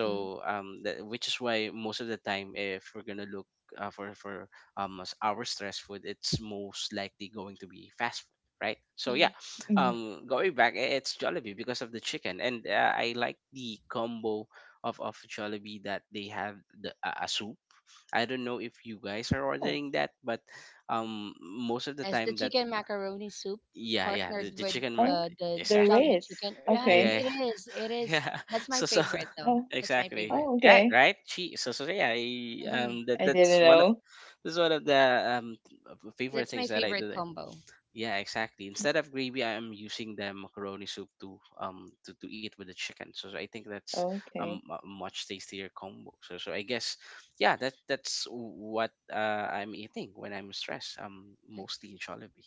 [SPEAKER 1] mhm,
[SPEAKER 3] um that, which is why most of the time, if we're gonna look for as our stress food, it's most likely going to be fast food, right? So
[SPEAKER 1] mhm.
[SPEAKER 3] yeah,
[SPEAKER 2] Mhm.
[SPEAKER 3] going back, it's Jollibee because of the chicken, and I like the combo of Jollibee that they have the a soup. I don't know if you guys are
[SPEAKER 2] Oh,
[SPEAKER 3] ordering that, but most of the
[SPEAKER 1] Yes, the
[SPEAKER 3] time that,
[SPEAKER 1] chicken macaroni soup
[SPEAKER 3] yeah, yeah,
[SPEAKER 1] partnered
[SPEAKER 3] the
[SPEAKER 1] with
[SPEAKER 3] chicken
[SPEAKER 2] oh,
[SPEAKER 1] the
[SPEAKER 2] there
[SPEAKER 3] exactly.
[SPEAKER 1] Jollibee
[SPEAKER 2] is.
[SPEAKER 1] chicken. Yeah,
[SPEAKER 2] Okay.
[SPEAKER 1] it
[SPEAKER 3] Yeah.
[SPEAKER 1] is. It is.
[SPEAKER 3] Yeah.
[SPEAKER 1] That's my
[SPEAKER 3] So
[SPEAKER 1] favorite though.
[SPEAKER 2] Oh,
[SPEAKER 1] That's my
[SPEAKER 3] exactly.
[SPEAKER 1] favorite.
[SPEAKER 2] oh,
[SPEAKER 3] Yeah,
[SPEAKER 2] okay.
[SPEAKER 3] right. she So yeah,
[SPEAKER 1] Mm-hmm.
[SPEAKER 2] I didn't know.
[SPEAKER 3] that's one of the favorite
[SPEAKER 1] That's my
[SPEAKER 3] things that I
[SPEAKER 1] favorite
[SPEAKER 3] do there.
[SPEAKER 1] combo.
[SPEAKER 3] Yeah, exactly. Instead of gravy, I'm using the macaroni soup to eat with the chicken, so I think that's
[SPEAKER 2] Okay,
[SPEAKER 3] a much tastier combo. So I guess, yeah, that's what I'm eating when I'm stressed,
[SPEAKER 1] Okay.
[SPEAKER 3] mostly in Jollibee.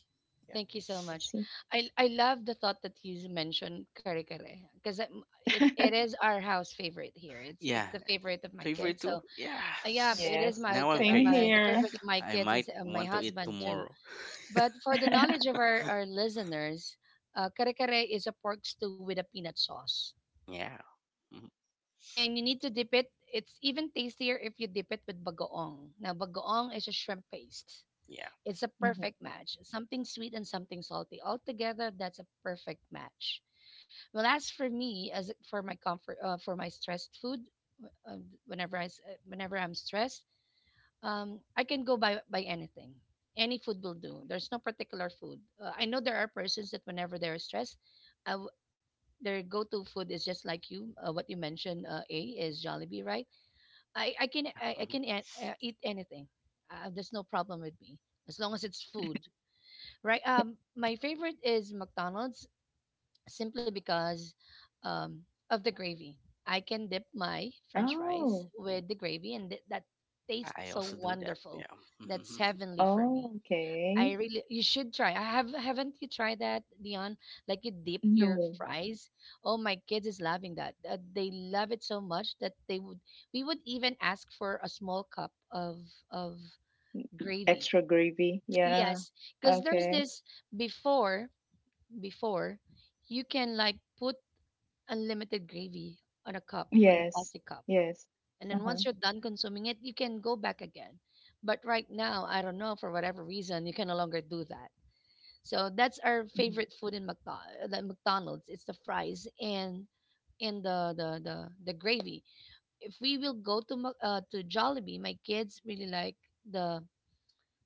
[SPEAKER 3] Yeah,
[SPEAKER 1] Thank you so
[SPEAKER 2] I
[SPEAKER 1] much.
[SPEAKER 2] see.
[SPEAKER 1] I love the thought that you mentioned kare kare because it's it is our house favorite here. It's
[SPEAKER 3] yeah.
[SPEAKER 1] the favorite of my kids.
[SPEAKER 3] Favorite
[SPEAKER 1] So
[SPEAKER 3] too?
[SPEAKER 1] yeah,
[SPEAKER 3] Yes.
[SPEAKER 1] it is
[SPEAKER 2] Yes,
[SPEAKER 3] Now I'm
[SPEAKER 2] same
[SPEAKER 1] my the
[SPEAKER 3] craving.
[SPEAKER 2] here.
[SPEAKER 1] favorite of my
[SPEAKER 3] I
[SPEAKER 1] kids and
[SPEAKER 3] might
[SPEAKER 1] my
[SPEAKER 3] want to eat
[SPEAKER 1] husband too.
[SPEAKER 3] tomorrow.
[SPEAKER 1] But for the knowledge of our listeners, kare kare is a pork stew with a peanut sauce,
[SPEAKER 3] Yeah. Mhm.
[SPEAKER 1] and you need to dip it. It's even tastier if you dip it with bagoong. Now bagoong is a shrimp paste.
[SPEAKER 3] Yeah.
[SPEAKER 1] It's a
[SPEAKER 2] Hmm.
[SPEAKER 1] perfect match. Something sweet and something salty. Altogether, that's a perfect match. Well, as for me, as for my comfort, for my stressed food, um, whenever I'm stressed, I can go by anything. Any food will do. There's no particular food. I know there are persons that whenever they're stressed, I w- their go-to food is just like you. What you mentioned, A, is Jollibee, right?
[SPEAKER 3] Yeah.
[SPEAKER 1] I
[SPEAKER 3] Mhm.
[SPEAKER 1] can eat anything. There's no problem with me as long as it's food. Right. My favorite is McDonald's simply because um, of the gravy. I can dip my French fries
[SPEAKER 2] Oh,
[SPEAKER 1] with the gravy, and that
[SPEAKER 3] Yeah,
[SPEAKER 1] tastes
[SPEAKER 3] I
[SPEAKER 1] so
[SPEAKER 3] also do that.
[SPEAKER 1] wonderful.
[SPEAKER 3] Yeah.
[SPEAKER 1] That's heavenly for me.
[SPEAKER 2] oh,
[SPEAKER 1] I
[SPEAKER 2] okay.
[SPEAKER 1] really, you should try. Haven't you tried that, Dion? Like you dip your
[SPEAKER 2] No,
[SPEAKER 1] fries. Oh, my kids is loving that. They love it so much that we would even ask for a small cup of gravy.
[SPEAKER 2] extra gravy. Yeah.
[SPEAKER 1] Yes, because there's
[SPEAKER 2] Okay.
[SPEAKER 1] this before before, you can like put unlimited gravy on a cup, on a
[SPEAKER 2] Yes.
[SPEAKER 1] plastic cup.
[SPEAKER 2] Yes.
[SPEAKER 1] And then
[SPEAKER 2] Uh-huh.
[SPEAKER 1] once you're done consuming it, you can go back again. But right now, I don't know, for whatever reason, you can no longer do that. So that's our
[SPEAKER 2] Mm-hmm.
[SPEAKER 1] favorite food in the McDonald's. It's the fries and and the gravy. If we will go to to Jollibee, my kids really like the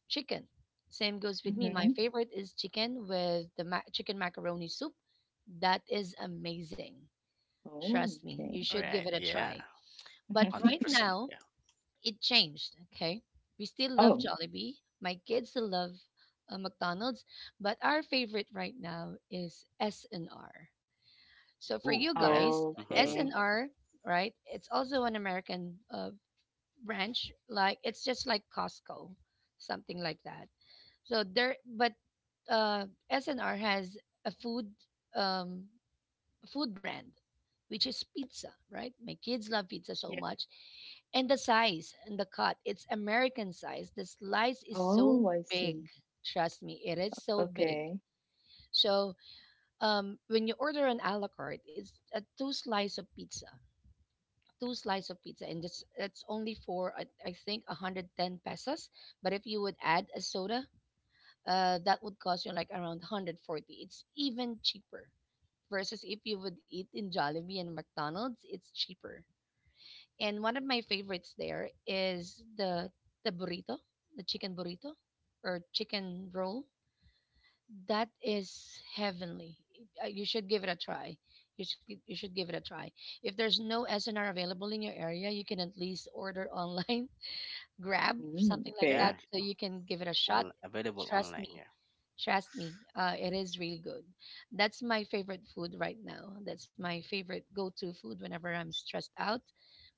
[SPEAKER 1] chicken. Same goes with me. My
[SPEAKER 2] Mm-hmm.
[SPEAKER 1] favorite is chicken with chicken macaroni soup. That is amazing.
[SPEAKER 2] Oh,
[SPEAKER 1] Trust me, you
[SPEAKER 2] okay.
[SPEAKER 1] should give
[SPEAKER 3] Right.
[SPEAKER 1] it a
[SPEAKER 3] Yeah.
[SPEAKER 1] try. But
[SPEAKER 3] Hundred
[SPEAKER 1] right
[SPEAKER 3] percent.
[SPEAKER 1] now,
[SPEAKER 3] Yeah.
[SPEAKER 1] it changed. Okay, we still love Jollibee. My kids still love McDonald's, but our favorite right now is S and R. So for
[SPEAKER 3] Ooh.
[SPEAKER 1] you
[SPEAKER 3] Yeah.
[SPEAKER 1] guys,
[SPEAKER 2] Oh,
[SPEAKER 1] S and
[SPEAKER 2] okay.
[SPEAKER 1] R, right? It's also an American branch. Like it's just like Costco, something like that. So there, but uh, SNR has a food um, food brand, which is pizza, right? My kids love pizza so
[SPEAKER 2] Yeah.
[SPEAKER 1] much, and the size and the cut, it's American size. The slice is so
[SPEAKER 2] Oh, I see.
[SPEAKER 1] big. Trust me, it is so big.
[SPEAKER 2] Okay.
[SPEAKER 1] So when you order an a la carte, it's a two slice of pizza, two slice of pizza, and that's only for I think 110 pesos. But if you would add a soda, that would cost you like around 140. It's even cheaper versus if you would eat in Jollibee and McDonald's, it's cheaper. And one of my favorites there is the burrito, the chicken burrito or chicken roll. That is heavenly. You should give it a try. You should give it a try. If there's no SNR available in your area, you can at least order online Grab,
[SPEAKER 2] Mm,
[SPEAKER 1] something like
[SPEAKER 2] okay.
[SPEAKER 3] Yeah.
[SPEAKER 1] that, so you can give it a shot.
[SPEAKER 3] Available
[SPEAKER 1] Trust
[SPEAKER 3] online.
[SPEAKER 1] me.
[SPEAKER 3] Yeah.
[SPEAKER 1] Trust me. It is really good. That's my favorite food right now. That's my favorite go-to food whenever I'm stressed out.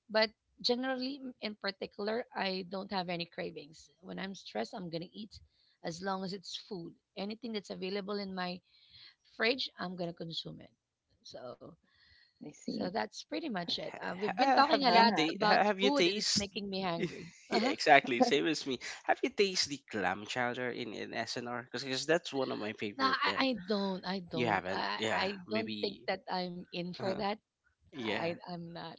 [SPEAKER 1] But generally, in particular, I don't have any cravings. When I'm stressed, I'm gonna eat as long as it's food. Anything that's available in my fridge, I'm gonna consume it. So,
[SPEAKER 2] I
[SPEAKER 1] so
[SPEAKER 2] see.
[SPEAKER 1] that's pretty much it.
[SPEAKER 3] Ha-
[SPEAKER 1] We've been
[SPEAKER 3] have
[SPEAKER 1] talking a
[SPEAKER 3] you
[SPEAKER 1] lot
[SPEAKER 2] Ah,
[SPEAKER 1] about
[SPEAKER 3] have you
[SPEAKER 1] food, and it's
[SPEAKER 3] taste?
[SPEAKER 1] making me hungry.
[SPEAKER 3] Yeah, exactly. Same as me. Have you taste the clam chowder in SNR? Because that's one of my
[SPEAKER 1] No,
[SPEAKER 3] favorite there.
[SPEAKER 1] I don't. I
[SPEAKER 3] You
[SPEAKER 1] don't.
[SPEAKER 3] haven't? Yeah.
[SPEAKER 1] I don't think
[SPEAKER 3] Maybe.
[SPEAKER 1] that I'm in for that.
[SPEAKER 3] Yeah,
[SPEAKER 1] I'm not.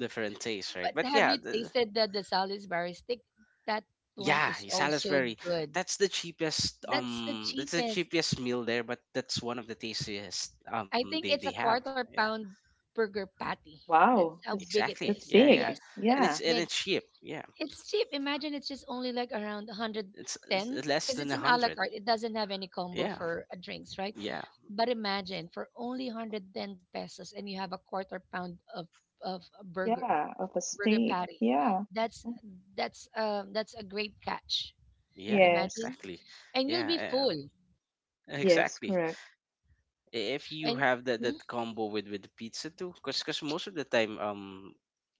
[SPEAKER 3] different taste, right?
[SPEAKER 1] But
[SPEAKER 3] But
[SPEAKER 1] have
[SPEAKER 3] yeah,
[SPEAKER 1] you tasted the Salisbury stick? That one is also
[SPEAKER 3] Salisbury.
[SPEAKER 1] good.
[SPEAKER 3] That's the cheapest.
[SPEAKER 1] That's the
[SPEAKER 3] That's the
[SPEAKER 1] cheapest.
[SPEAKER 3] cheapest meal there, but that's one of the tastiest.
[SPEAKER 1] I think
[SPEAKER 3] They
[SPEAKER 1] it's a
[SPEAKER 3] have.
[SPEAKER 1] quarter
[SPEAKER 3] Yeah,
[SPEAKER 1] pound burger patty. That's
[SPEAKER 2] wow.
[SPEAKER 1] how
[SPEAKER 2] That's
[SPEAKER 1] big
[SPEAKER 3] exactly.
[SPEAKER 1] it
[SPEAKER 3] Yeah,
[SPEAKER 2] that's
[SPEAKER 1] is.
[SPEAKER 3] yeah,
[SPEAKER 2] big.
[SPEAKER 1] Yes, that's
[SPEAKER 3] and
[SPEAKER 2] Yeah.
[SPEAKER 3] it's
[SPEAKER 1] big.
[SPEAKER 3] cheap. Yeah,
[SPEAKER 1] It's cheap. Imagine it's just only like around
[SPEAKER 3] it's
[SPEAKER 1] 110
[SPEAKER 3] less than a
[SPEAKER 1] because it's an a
[SPEAKER 3] hundred.
[SPEAKER 1] la carte. It doesn't have any
[SPEAKER 3] Yeah,
[SPEAKER 1] combo for drinks, right?
[SPEAKER 3] yeah,
[SPEAKER 1] But imagine for only 110 pesos and you have a quarter pound of a burger,
[SPEAKER 2] Yeah, of a
[SPEAKER 1] burger
[SPEAKER 2] steak.
[SPEAKER 1] patty.
[SPEAKER 2] Yeah.
[SPEAKER 1] That's
[SPEAKER 2] Mm.
[SPEAKER 1] that's a great catch.
[SPEAKER 3] yeah,
[SPEAKER 2] Yes.
[SPEAKER 1] Imagine.
[SPEAKER 3] exactly.
[SPEAKER 1] And you'll be
[SPEAKER 3] Yeah,
[SPEAKER 1] full.
[SPEAKER 3] yeah,
[SPEAKER 2] Yes,
[SPEAKER 3] exactly.
[SPEAKER 2] correct.
[SPEAKER 3] If you
[SPEAKER 1] And
[SPEAKER 3] have that
[SPEAKER 1] mm,
[SPEAKER 3] that combo with the pizza too, because most of the time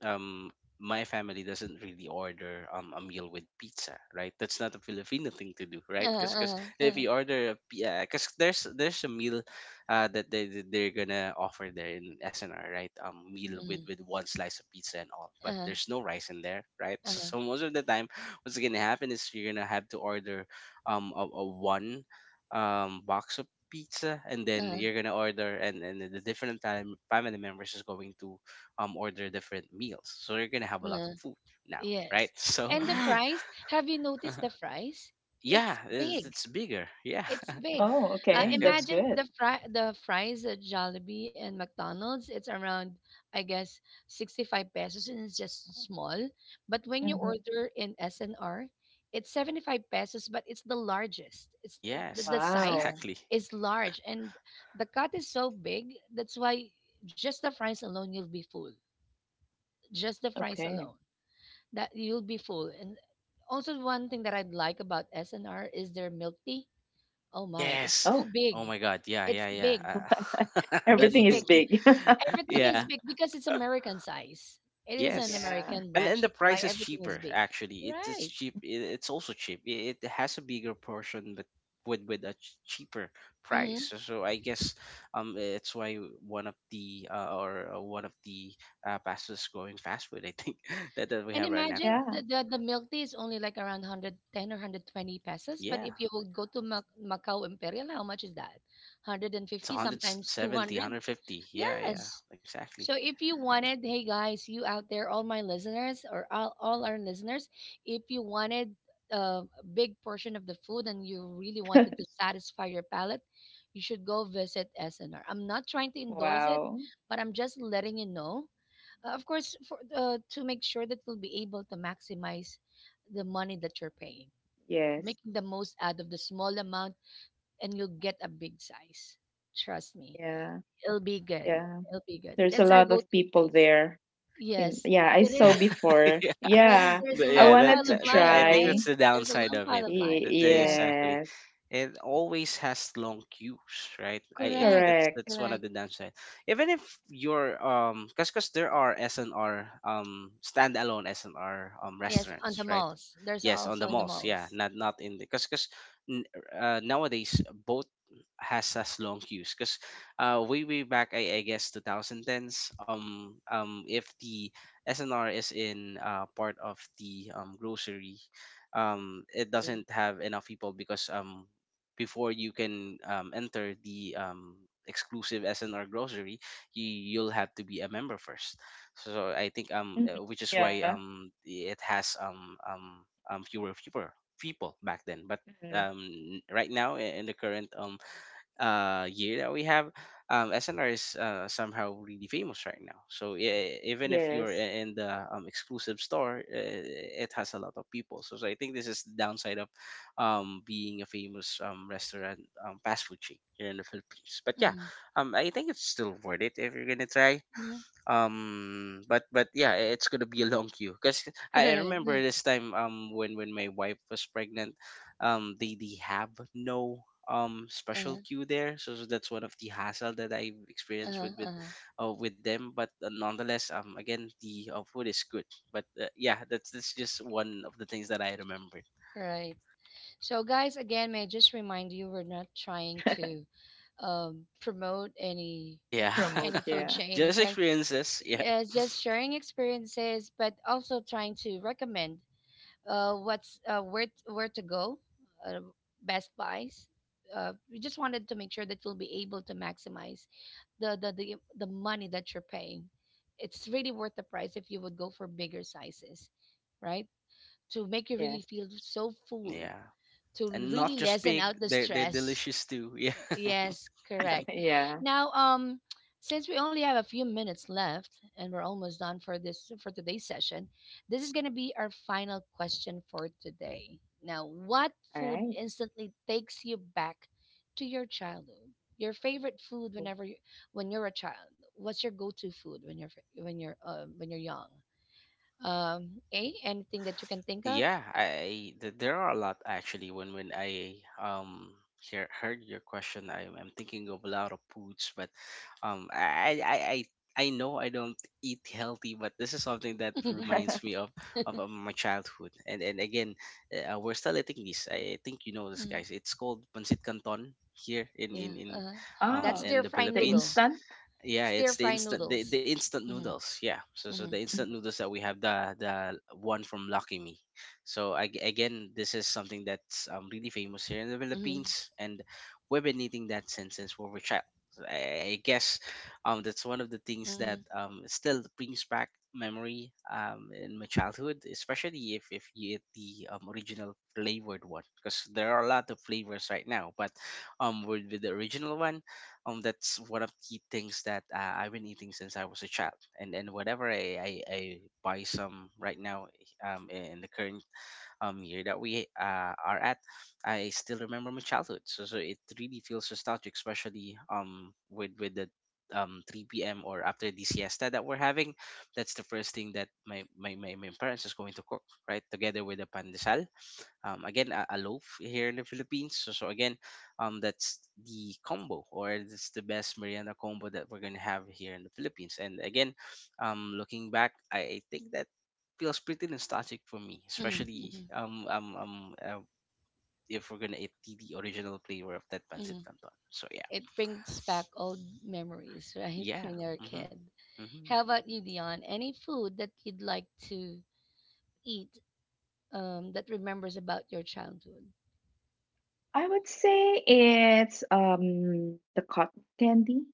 [SPEAKER 3] um my family doesn't really order a meal with pizza, right? That's not a Filipino thing to do, right? Because cause
[SPEAKER 1] uh, uh, uh,
[SPEAKER 3] if you order a, yeah, because there's a meal that they're gonna offer there in SNR, right? Meal
[SPEAKER 1] mm,
[SPEAKER 3] with one slice of pizza and all, but
[SPEAKER 1] uh,
[SPEAKER 3] there's no rice in there, right?
[SPEAKER 1] uh,
[SPEAKER 3] So, so most of the time what's gonna happen is you're gonna have to order a, one box of pizza, and
[SPEAKER 1] uh,
[SPEAKER 3] then you're gonna order and the different time family members is going to order different meals, so you're gonna have a
[SPEAKER 1] uh,
[SPEAKER 3] lot of food now, right?
[SPEAKER 1] yes.
[SPEAKER 3] So
[SPEAKER 1] And the
[SPEAKER 2] Mhm.
[SPEAKER 1] fries, have you noticed the fries?
[SPEAKER 3] yeah,
[SPEAKER 1] It's
[SPEAKER 3] it's,
[SPEAKER 1] big.
[SPEAKER 3] it's bigger. Yeah.
[SPEAKER 1] It's big.
[SPEAKER 2] Oh,
[SPEAKER 3] Yeah,
[SPEAKER 2] okay.
[SPEAKER 3] yeah.
[SPEAKER 2] That's
[SPEAKER 1] Imagine
[SPEAKER 2] good.
[SPEAKER 1] the fries at Jollibee and McDonald's. It's around, I guess, 65 pesos and it's just small. But when you
[SPEAKER 2] Hmm.
[SPEAKER 1] order in SNR, it's 75 pesos, but it's the largest. It's
[SPEAKER 3] Yes,
[SPEAKER 1] the size
[SPEAKER 2] Wow.
[SPEAKER 3] exactly.
[SPEAKER 1] is large and the cut is so big. That's why just the fries alone, you'll be full. Just the fries
[SPEAKER 2] Okay.
[SPEAKER 1] alone, that you'll be full. And also one thing that I'd like about SNR is their milk tea. Oh my, it's
[SPEAKER 3] Yes.
[SPEAKER 1] so
[SPEAKER 2] Oh,
[SPEAKER 3] Oh
[SPEAKER 1] big.
[SPEAKER 3] my god, yeah,
[SPEAKER 1] It's
[SPEAKER 3] yeah, yeah,
[SPEAKER 1] big.
[SPEAKER 3] that
[SPEAKER 1] It's
[SPEAKER 2] everything is
[SPEAKER 1] big.
[SPEAKER 3] milk tea.
[SPEAKER 2] big.
[SPEAKER 1] Everything is
[SPEAKER 3] Yeah.
[SPEAKER 1] big because it's American size. It is an
[SPEAKER 3] Yes.
[SPEAKER 2] Yeah.
[SPEAKER 1] American
[SPEAKER 3] And
[SPEAKER 1] branch.
[SPEAKER 3] the
[SPEAKER 1] That's why
[SPEAKER 3] price is
[SPEAKER 1] everything is
[SPEAKER 3] cheaper
[SPEAKER 1] big.
[SPEAKER 3] actually. It's
[SPEAKER 1] Right.
[SPEAKER 3] cheap. It's also cheap. It has a bigger portion, but with a cheaper
[SPEAKER 1] Hmm.
[SPEAKER 3] price. So, so I guess it's why one of the or one of the fastest growing fast food, I think, that, we
[SPEAKER 1] And
[SPEAKER 3] have right now.
[SPEAKER 1] imagine
[SPEAKER 2] Yeah.
[SPEAKER 1] the milk tea is only like around 110 or 120 pesos. But
[SPEAKER 3] Yeah,
[SPEAKER 1] if you would go to Mac- Macau Imperial, how much is that?
[SPEAKER 3] it's
[SPEAKER 1] 150,
[SPEAKER 3] one hundred
[SPEAKER 1] sometimes
[SPEAKER 3] seventy, one
[SPEAKER 1] 200.
[SPEAKER 3] hundred fifty. Yeah, yeah,
[SPEAKER 1] Yes. So
[SPEAKER 3] exactly.
[SPEAKER 1] if you wanted, hey guys, you out there, all my listeners or all our listeners, if you wanted a big portion of the food and you really wanted to satisfy your palate, you should go visit SNR. I'm not trying to endorse it,
[SPEAKER 2] Wow.
[SPEAKER 1] but I'm just letting you know. Of course, for to make sure that we'll be able to maximize the money that you're paying,
[SPEAKER 2] Yes.
[SPEAKER 1] making the most out of the small amount, and you'll get a big size. Trust me.
[SPEAKER 2] Yeah.
[SPEAKER 1] It'll be good.
[SPEAKER 2] Yeah.
[SPEAKER 1] It'll be good.
[SPEAKER 2] There's a
[SPEAKER 1] That's our
[SPEAKER 2] lot of
[SPEAKER 1] go-to
[SPEAKER 2] people
[SPEAKER 1] place.
[SPEAKER 2] there. In
[SPEAKER 1] Yes,
[SPEAKER 2] Yeah, I
[SPEAKER 1] it
[SPEAKER 3] Yeah,
[SPEAKER 2] saw
[SPEAKER 1] is.
[SPEAKER 2] before.
[SPEAKER 3] yeah.
[SPEAKER 1] Yes,
[SPEAKER 2] Yeah.
[SPEAKER 1] there's a
[SPEAKER 2] I
[SPEAKER 3] Yeah.
[SPEAKER 1] long
[SPEAKER 3] That,
[SPEAKER 2] wanted
[SPEAKER 1] pile
[SPEAKER 2] to
[SPEAKER 1] of
[SPEAKER 3] that that
[SPEAKER 1] line,
[SPEAKER 3] I think
[SPEAKER 1] right?
[SPEAKER 2] try.
[SPEAKER 3] that's the
[SPEAKER 1] There's a
[SPEAKER 3] downside
[SPEAKER 1] long
[SPEAKER 3] of
[SPEAKER 1] pile
[SPEAKER 3] it.
[SPEAKER 1] of line. Yes,
[SPEAKER 3] Exactly.
[SPEAKER 2] Yes.
[SPEAKER 3] It always has long queues, right? I think
[SPEAKER 1] correct,
[SPEAKER 2] Correct.
[SPEAKER 3] that's one of
[SPEAKER 1] correct.
[SPEAKER 3] the downside. Even if you're cause, there are S and R standalone S and R
[SPEAKER 1] Yes, on the
[SPEAKER 3] restaurants, right?
[SPEAKER 1] malls. There's
[SPEAKER 3] Yes, on the
[SPEAKER 1] also in the
[SPEAKER 3] malls. Yeah,
[SPEAKER 1] malls.
[SPEAKER 3] not not in the, cause n- nowadays both has long queues because way way back, I guess 2010s, if the SNR is in, part of the grocery. It doesn't have enough people because before you can enter the exclusive SNR grocery, you'll have to be a member first. So so I think
[SPEAKER 2] Mhm.
[SPEAKER 3] which is
[SPEAKER 2] Yeah.
[SPEAKER 3] why it has fewer people back then, but
[SPEAKER 2] Mhm.
[SPEAKER 3] right now in the current year that we have, SNR is, somehow really famous right now. So yeah, even if
[SPEAKER 2] Yes.
[SPEAKER 3] you're in the exclusive store, it has a lot of people. So, so I think this is the downside of being a famous restaurant, fast food chain here in the Philippines. But yeah,
[SPEAKER 1] Mm-hmm.
[SPEAKER 3] I think it's still worth it if you're gonna try.
[SPEAKER 1] Hmm.
[SPEAKER 3] But yeah, it's gonna be a long queue because I remember
[SPEAKER 1] Correct.
[SPEAKER 3] this time when my wife was pregnant, they have no special
[SPEAKER 1] Uh,
[SPEAKER 3] queue there, so, so that's one of the hassle that I've experienced
[SPEAKER 1] uh,
[SPEAKER 3] with
[SPEAKER 1] uh.
[SPEAKER 3] with them. But nonetheless, again, the food is good, but yeah, that's just one of the things that I remembered.
[SPEAKER 1] Right. So, guys, again, may I just remind you, we're not trying to promote
[SPEAKER 3] Yeah.
[SPEAKER 2] Promote,
[SPEAKER 1] any food
[SPEAKER 2] yeah.
[SPEAKER 1] chain.
[SPEAKER 3] Just
[SPEAKER 1] Okay,
[SPEAKER 3] experiences, yeah.
[SPEAKER 1] it's just sharing experiences, but also trying to recommend what's where to go, uh, Best Buys. We just wanted to make sure that you'll be able to maximize the money that you're paying. It's really worth the price if you would go for bigger sizes, right? To make you
[SPEAKER 2] Yes.
[SPEAKER 1] really feel so full,
[SPEAKER 3] Yeah,
[SPEAKER 1] to
[SPEAKER 3] and
[SPEAKER 1] really
[SPEAKER 3] not just
[SPEAKER 1] lessen
[SPEAKER 3] big,
[SPEAKER 1] out the
[SPEAKER 3] they're
[SPEAKER 1] stress.
[SPEAKER 3] delicious too. Yeah.
[SPEAKER 1] Yes, correct.
[SPEAKER 2] Yeah.
[SPEAKER 1] Now, since we only have a few minutes left and we're almost done for today's session, this is going to be our final question for today. Now, what
[SPEAKER 2] All right.
[SPEAKER 1] food instantly takes you back to your childhood? Your favorite food
[SPEAKER 2] Cool.
[SPEAKER 1] when you're a child. What's your go-to food when you're young? A Anything that you can think of?
[SPEAKER 3] Yeah, there are a lot actually. When I, heard your question, I, I'm thinking of a lot of foods, but um I I I. I I know I don't eat healthy, but this is something that reminds me of my childhood. And again, we're still eating this. I think you know this,
[SPEAKER 1] Mm,
[SPEAKER 3] guys. It's called pancit canton here in
[SPEAKER 1] yeah, that
[SPEAKER 2] Oh,
[SPEAKER 3] in the
[SPEAKER 2] the
[SPEAKER 3] Philippines.
[SPEAKER 2] instant?
[SPEAKER 3] Yeah,
[SPEAKER 1] stir
[SPEAKER 3] it's
[SPEAKER 1] fry
[SPEAKER 3] the instant,
[SPEAKER 1] noodles.
[SPEAKER 3] the instant
[SPEAKER 1] Mm-hmm.
[SPEAKER 3] noodles. Yeah, so so the
[SPEAKER 1] Mhm,
[SPEAKER 2] Mhm.
[SPEAKER 3] instant noodles that we have, the one from Lucky Me. So I, again, this is something that's really famous here in the
[SPEAKER 1] mhm,
[SPEAKER 3] Philippines, and we've been eating that since we were a child. So I guess that's one of the things that
[SPEAKER 1] mhm,
[SPEAKER 3] still brings back memory in my childhood, especially if you eat the original flavored one, because there are a lot of flavors right now, but with the original one, that's one of the things that, I've been eating since I was a child, and whatever, I buy some right now in the current year that we are at, I still remember my childhood, so so it really feels nostalgic, especially with the 3 p.m. or after the siesta that we're having. That's the first thing that my parents is going to cook, right, together with the pandesal, again, a, loaf here in the Philippines. So, so again, that's the combo, or it's the best merienda combo that we're gonna have here in the Philippines. And again, looking back, I think that feels pretty nostalgic for me,
[SPEAKER 1] mhm,
[SPEAKER 3] especially
[SPEAKER 1] mhm,
[SPEAKER 3] if we're gonna eat the, original flavor of that pancit
[SPEAKER 1] mhm.
[SPEAKER 3] canton. So yeah.
[SPEAKER 1] It brings back old memories, right?
[SPEAKER 3] Yeah.
[SPEAKER 1] When you're a
[SPEAKER 3] Mm-hmm.
[SPEAKER 1] kid.
[SPEAKER 3] Mm-hmm.
[SPEAKER 1] How about you, Dion? Any food that you'd like to eat that remembers about your childhood?
[SPEAKER 2] I would say it's the cotton candy,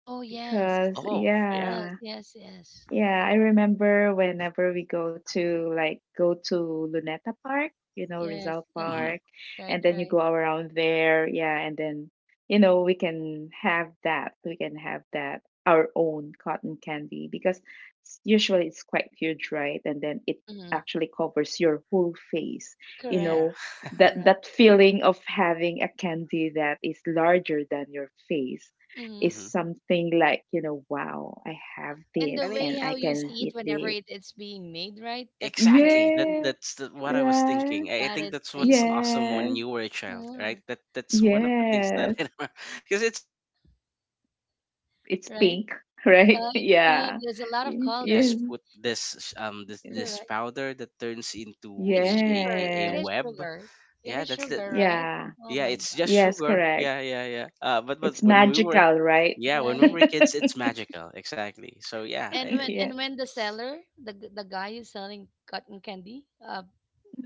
[SPEAKER 1] Oh, yes.
[SPEAKER 2] because
[SPEAKER 3] Oh yeah.
[SPEAKER 1] Yes,
[SPEAKER 2] yeah,
[SPEAKER 1] yes, yes.
[SPEAKER 2] yeah, I remember whenever we go to, go to Luneta Park,
[SPEAKER 1] Yes.
[SPEAKER 2] Rizal
[SPEAKER 3] Mm-hmm.
[SPEAKER 2] Park,
[SPEAKER 1] Right,
[SPEAKER 2] and then you
[SPEAKER 1] right.
[SPEAKER 2] go around there, yeah, and then, we can have that. We can have that, our own cotton candy, because usually it's quite huge, right? And then it
[SPEAKER 1] Mm-hmm.
[SPEAKER 2] actually covers your whole face. You
[SPEAKER 3] Yeah.
[SPEAKER 1] Correct,
[SPEAKER 2] know, that
[SPEAKER 1] correct.
[SPEAKER 2] that feeling of having a candy that is larger than your face
[SPEAKER 1] Mm-hmm.
[SPEAKER 2] is
[SPEAKER 3] Mm-hmm.
[SPEAKER 2] something like, wow, I have
[SPEAKER 1] And the
[SPEAKER 3] And
[SPEAKER 2] this
[SPEAKER 3] I,
[SPEAKER 1] way
[SPEAKER 2] and
[SPEAKER 1] how
[SPEAKER 2] I
[SPEAKER 1] you
[SPEAKER 2] can
[SPEAKER 1] see it
[SPEAKER 2] eat
[SPEAKER 1] whenever
[SPEAKER 2] this.
[SPEAKER 1] it's being made, right? That's
[SPEAKER 3] exactly. That
[SPEAKER 2] Yeah,
[SPEAKER 1] crazy.
[SPEAKER 3] that's the, what I was
[SPEAKER 2] yeah,
[SPEAKER 3] thinking. I
[SPEAKER 1] That
[SPEAKER 3] think
[SPEAKER 1] is
[SPEAKER 3] that's what's
[SPEAKER 1] crazy.
[SPEAKER 3] awesome
[SPEAKER 2] yeah,
[SPEAKER 3] when you were a child, right?
[SPEAKER 1] Mm,
[SPEAKER 3] That that's one of the things that
[SPEAKER 2] yes.
[SPEAKER 3] I because it's magical for me. When I was a kid
[SPEAKER 2] It's
[SPEAKER 3] and
[SPEAKER 1] right?
[SPEAKER 2] pink,
[SPEAKER 3] I see how
[SPEAKER 2] right?
[SPEAKER 3] it's
[SPEAKER 1] It's
[SPEAKER 3] being made,
[SPEAKER 1] pink.
[SPEAKER 2] Yeah.
[SPEAKER 1] There's a lot of
[SPEAKER 3] they just
[SPEAKER 2] Yes.
[SPEAKER 1] colors.
[SPEAKER 3] put this
[SPEAKER 1] Correct.
[SPEAKER 3] powder that turns into a
[SPEAKER 1] It's
[SPEAKER 3] a,
[SPEAKER 1] sugar. It
[SPEAKER 2] Yes.
[SPEAKER 1] is
[SPEAKER 3] web.
[SPEAKER 1] sugar. It
[SPEAKER 3] Yeah,
[SPEAKER 1] is
[SPEAKER 3] that's the
[SPEAKER 1] sugar, right?
[SPEAKER 2] Yeah.
[SPEAKER 1] Oh
[SPEAKER 3] yeah.
[SPEAKER 1] my
[SPEAKER 3] It's just
[SPEAKER 1] God.
[SPEAKER 2] Yes,
[SPEAKER 3] sugar.
[SPEAKER 2] correct.
[SPEAKER 3] Yeah, yeah, yeah. But
[SPEAKER 2] It's
[SPEAKER 3] when we were
[SPEAKER 2] magical, right?
[SPEAKER 3] yeah, when we
[SPEAKER 1] Right.
[SPEAKER 3] were kids, it's magical. Exactly. So yeah,
[SPEAKER 1] And when
[SPEAKER 2] Yeah.
[SPEAKER 1] and when the seller, the guy is selling cotton candy,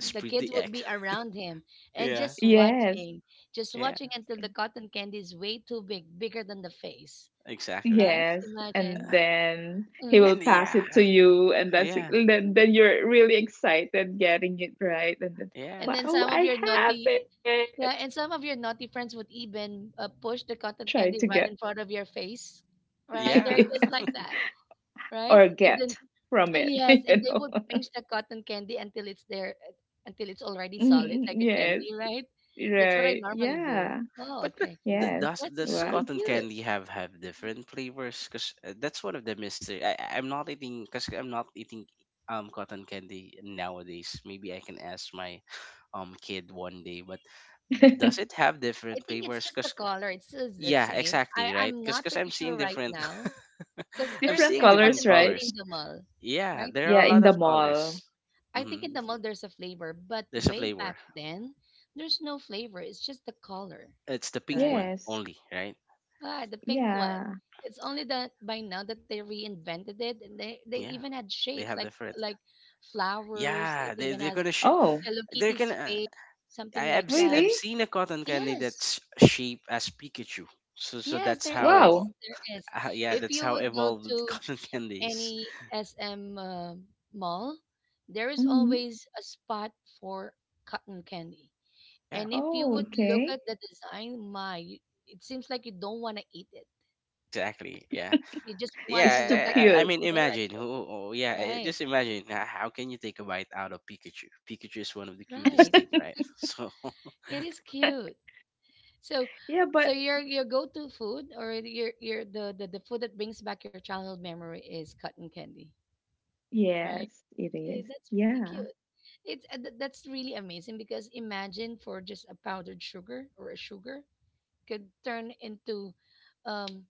[SPEAKER 1] the kids
[SPEAKER 3] pretty
[SPEAKER 1] would
[SPEAKER 3] egg.
[SPEAKER 1] be around him and
[SPEAKER 3] Yeah.
[SPEAKER 2] Yes.
[SPEAKER 1] just
[SPEAKER 3] Yeah,
[SPEAKER 1] watching until the cotton candy is way too big, bigger than the face,
[SPEAKER 3] exactly.
[SPEAKER 1] right?
[SPEAKER 2] Yes,
[SPEAKER 1] Imagine.
[SPEAKER 2] and then he
[SPEAKER 1] Mm-hmm.
[SPEAKER 3] And
[SPEAKER 2] will pass it
[SPEAKER 3] yeah,
[SPEAKER 2] to you, and that's
[SPEAKER 3] yeah,
[SPEAKER 2] then you're really excited getting it, right? And then,
[SPEAKER 3] yeah,
[SPEAKER 1] And then
[SPEAKER 2] wow,
[SPEAKER 1] some of
[SPEAKER 2] I
[SPEAKER 1] your
[SPEAKER 2] have
[SPEAKER 1] naughty,
[SPEAKER 2] it.
[SPEAKER 1] yeah, and some of your naughty friends would even push the cotton
[SPEAKER 2] Try
[SPEAKER 1] candy
[SPEAKER 2] to
[SPEAKER 1] right
[SPEAKER 2] get,
[SPEAKER 1] in front of your face, right? There are
[SPEAKER 3] yeah.
[SPEAKER 1] kids like that, right?
[SPEAKER 2] or
[SPEAKER 1] And then
[SPEAKER 2] get from it.
[SPEAKER 1] yes, and they would pinch the cotton candy until it's there, until it's already solid
[SPEAKER 2] Mm.
[SPEAKER 1] like a
[SPEAKER 2] Yes,
[SPEAKER 1] candy, right? That's what I
[SPEAKER 2] right.
[SPEAKER 1] normally do.
[SPEAKER 2] Yeah,
[SPEAKER 1] Oh,
[SPEAKER 3] But but
[SPEAKER 1] okay,
[SPEAKER 3] th-
[SPEAKER 2] yes.
[SPEAKER 1] that's
[SPEAKER 3] does
[SPEAKER 2] Wow.
[SPEAKER 1] pretty
[SPEAKER 3] cotton
[SPEAKER 1] cute.
[SPEAKER 3] candy have different flavors? Cause that's one of the mystery. I'm not eating, cause I'm not eating cotton candy nowadays. Maybe I can ask my kid one day. But does it have
[SPEAKER 1] I
[SPEAKER 3] different
[SPEAKER 1] think it's
[SPEAKER 3] flavors?
[SPEAKER 1] just the
[SPEAKER 3] Cause
[SPEAKER 1] color; it's still the
[SPEAKER 3] yeah,
[SPEAKER 1] same. I
[SPEAKER 3] exactly, right?
[SPEAKER 1] I'm
[SPEAKER 3] Cause
[SPEAKER 1] not pretty
[SPEAKER 3] I'm
[SPEAKER 1] sure
[SPEAKER 3] seeing
[SPEAKER 1] right
[SPEAKER 3] different.
[SPEAKER 1] now because
[SPEAKER 3] I'm
[SPEAKER 1] there's
[SPEAKER 2] Different
[SPEAKER 3] seeing
[SPEAKER 1] cotton
[SPEAKER 3] different
[SPEAKER 2] colors,
[SPEAKER 1] candy
[SPEAKER 2] right?
[SPEAKER 1] in
[SPEAKER 3] colors.
[SPEAKER 1] the mall,
[SPEAKER 3] Yeah,
[SPEAKER 1] right?
[SPEAKER 3] there are
[SPEAKER 2] Yeah,
[SPEAKER 3] a
[SPEAKER 2] in
[SPEAKER 3] lot
[SPEAKER 2] the
[SPEAKER 3] of
[SPEAKER 2] mall.
[SPEAKER 3] colors.
[SPEAKER 1] I think in
[SPEAKER 3] Hmm.
[SPEAKER 1] the mall there's a flavor, but
[SPEAKER 3] There's a
[SPEAKER 1] way back
[SPEAKER 3] flavor.
[SPEAKER 1] then, there's no flavor. It's just the color,
[SPEAKER 3] It's the pink
[SPEAKER 1] right?
[SPEAKER 3] one
[SPEAKER 2] Yes.
[SPEAKER 3] only, right?
[SPEAKER 1] Ah, the pink one.
[SPEAKER 2] Yeah.
[SPEAKER 1] It's only that by now that they reinvented it, and they
[SPEAKER 3] Yeah,
[SPEAKER 1] even had
[SPEAKER 3] they
[SPEAKER 1] shapes
[SPEAKER 3] have
[SPEAKER 1] like
[SPEAKER 3] different.
[SPEAKER 1] like flowers. It
[SPEAKER 3] Yeah, they
[SPEAKER 1] even
[SPEAKER 3] they're
[SPEAKER 1] has
[SPEAKER 3] gonna sh-
[SPEAKER 2] Oh,
[SPEAKER 1] Hello
[SPEAKER 3] they're
[SPEAKER 1] Kitty's
[SPEAKER 3] gonna.
[SPEAKER 1] face, something
[SPEAKER 3] I I've,
[SPEAKER 1] like that.
[SPEAKER 3] I've
[SPEAKER 2] really?
[SPEAKER 3] seen a cotton candy
[SPEAKER 1] Yes,
[SPEAKER 3] that's shaped as Pikachu. So so
[SPEAKER 1] yes,
[SPEAKER 3] that's
[SPEAKER 1] there is,
[SPEAKER 3] how,
[SPEAKER 2] Wow.
[SPEAKER 1] there is.
[SPEAKER 3] yeah,
[SPEAKER 1] If
[SPEAKER 3] that's
[SPEAKER 1] you
[SPEAKER 3] how
[SPEAKER 1] would go
[SPEAKER 3] evolved
[SPEAKER 1] to
[SPEAKER 3] cotton candies.
[SPEAKER 1] any SM mall, there is
[SPEAKER 2] Hmm.
[SPEAKER 1] always a spot for cotton candy.
[SPEAKER 3] Yeah,
[SPEAKER 1] And if you
[SPEAKER 2] Oh,
[SPEAKER 3] mhm,
[SPEAKER 1] would look
[SPEAKER 2] okay.
[SPEAKER 1] at the design, my, it seems like you don't want to eat it.
[SPEAKER 3] exactly. Yeah,
[SPEAKER 1] You just want to
[SPEAKER 2] It's too
[SPEAKER 1] look at
[SPEAKER 3] yeah.
[SPEAKER 1] it
[SPEAKER 3] I
[SPEAKER 1] and
[SPEAKER 2] cute.
[SPEAKER 3] mean,
[SPEAKER 1] stare at
[SPEAKER 3] imagine
[SPEAKER 1] it.
[SPEAKER 3] who? Yeah,
[SPEAKER 1] Right,
[SPEAKER 3] just imagine. How can you take a bite out of Pikachu? Pikachu is one of the cutest
[SPEAKER 1] right.
[SPEAKER 3] thing, right? So
[SPEAKER 1] It is cute. So,
[SPEAKER 2] Yeah,
[SPEAKER 1] so,
[SPEAKER 2] but
[SPEAKER 1] your go-to food or the food that brings back your childhood memory is cotton candy, right?
[SPEAKER 2] yes, it
[SPEAKER 1] Okay,
[SPEAKER 2] is.
[SPEAKER 1] that's pretty
[SPEAKER 2] Yeah.
[SPEAKER 1] cute. That's really amazing because imagine for just a powdered sugar or a sugar could turn into um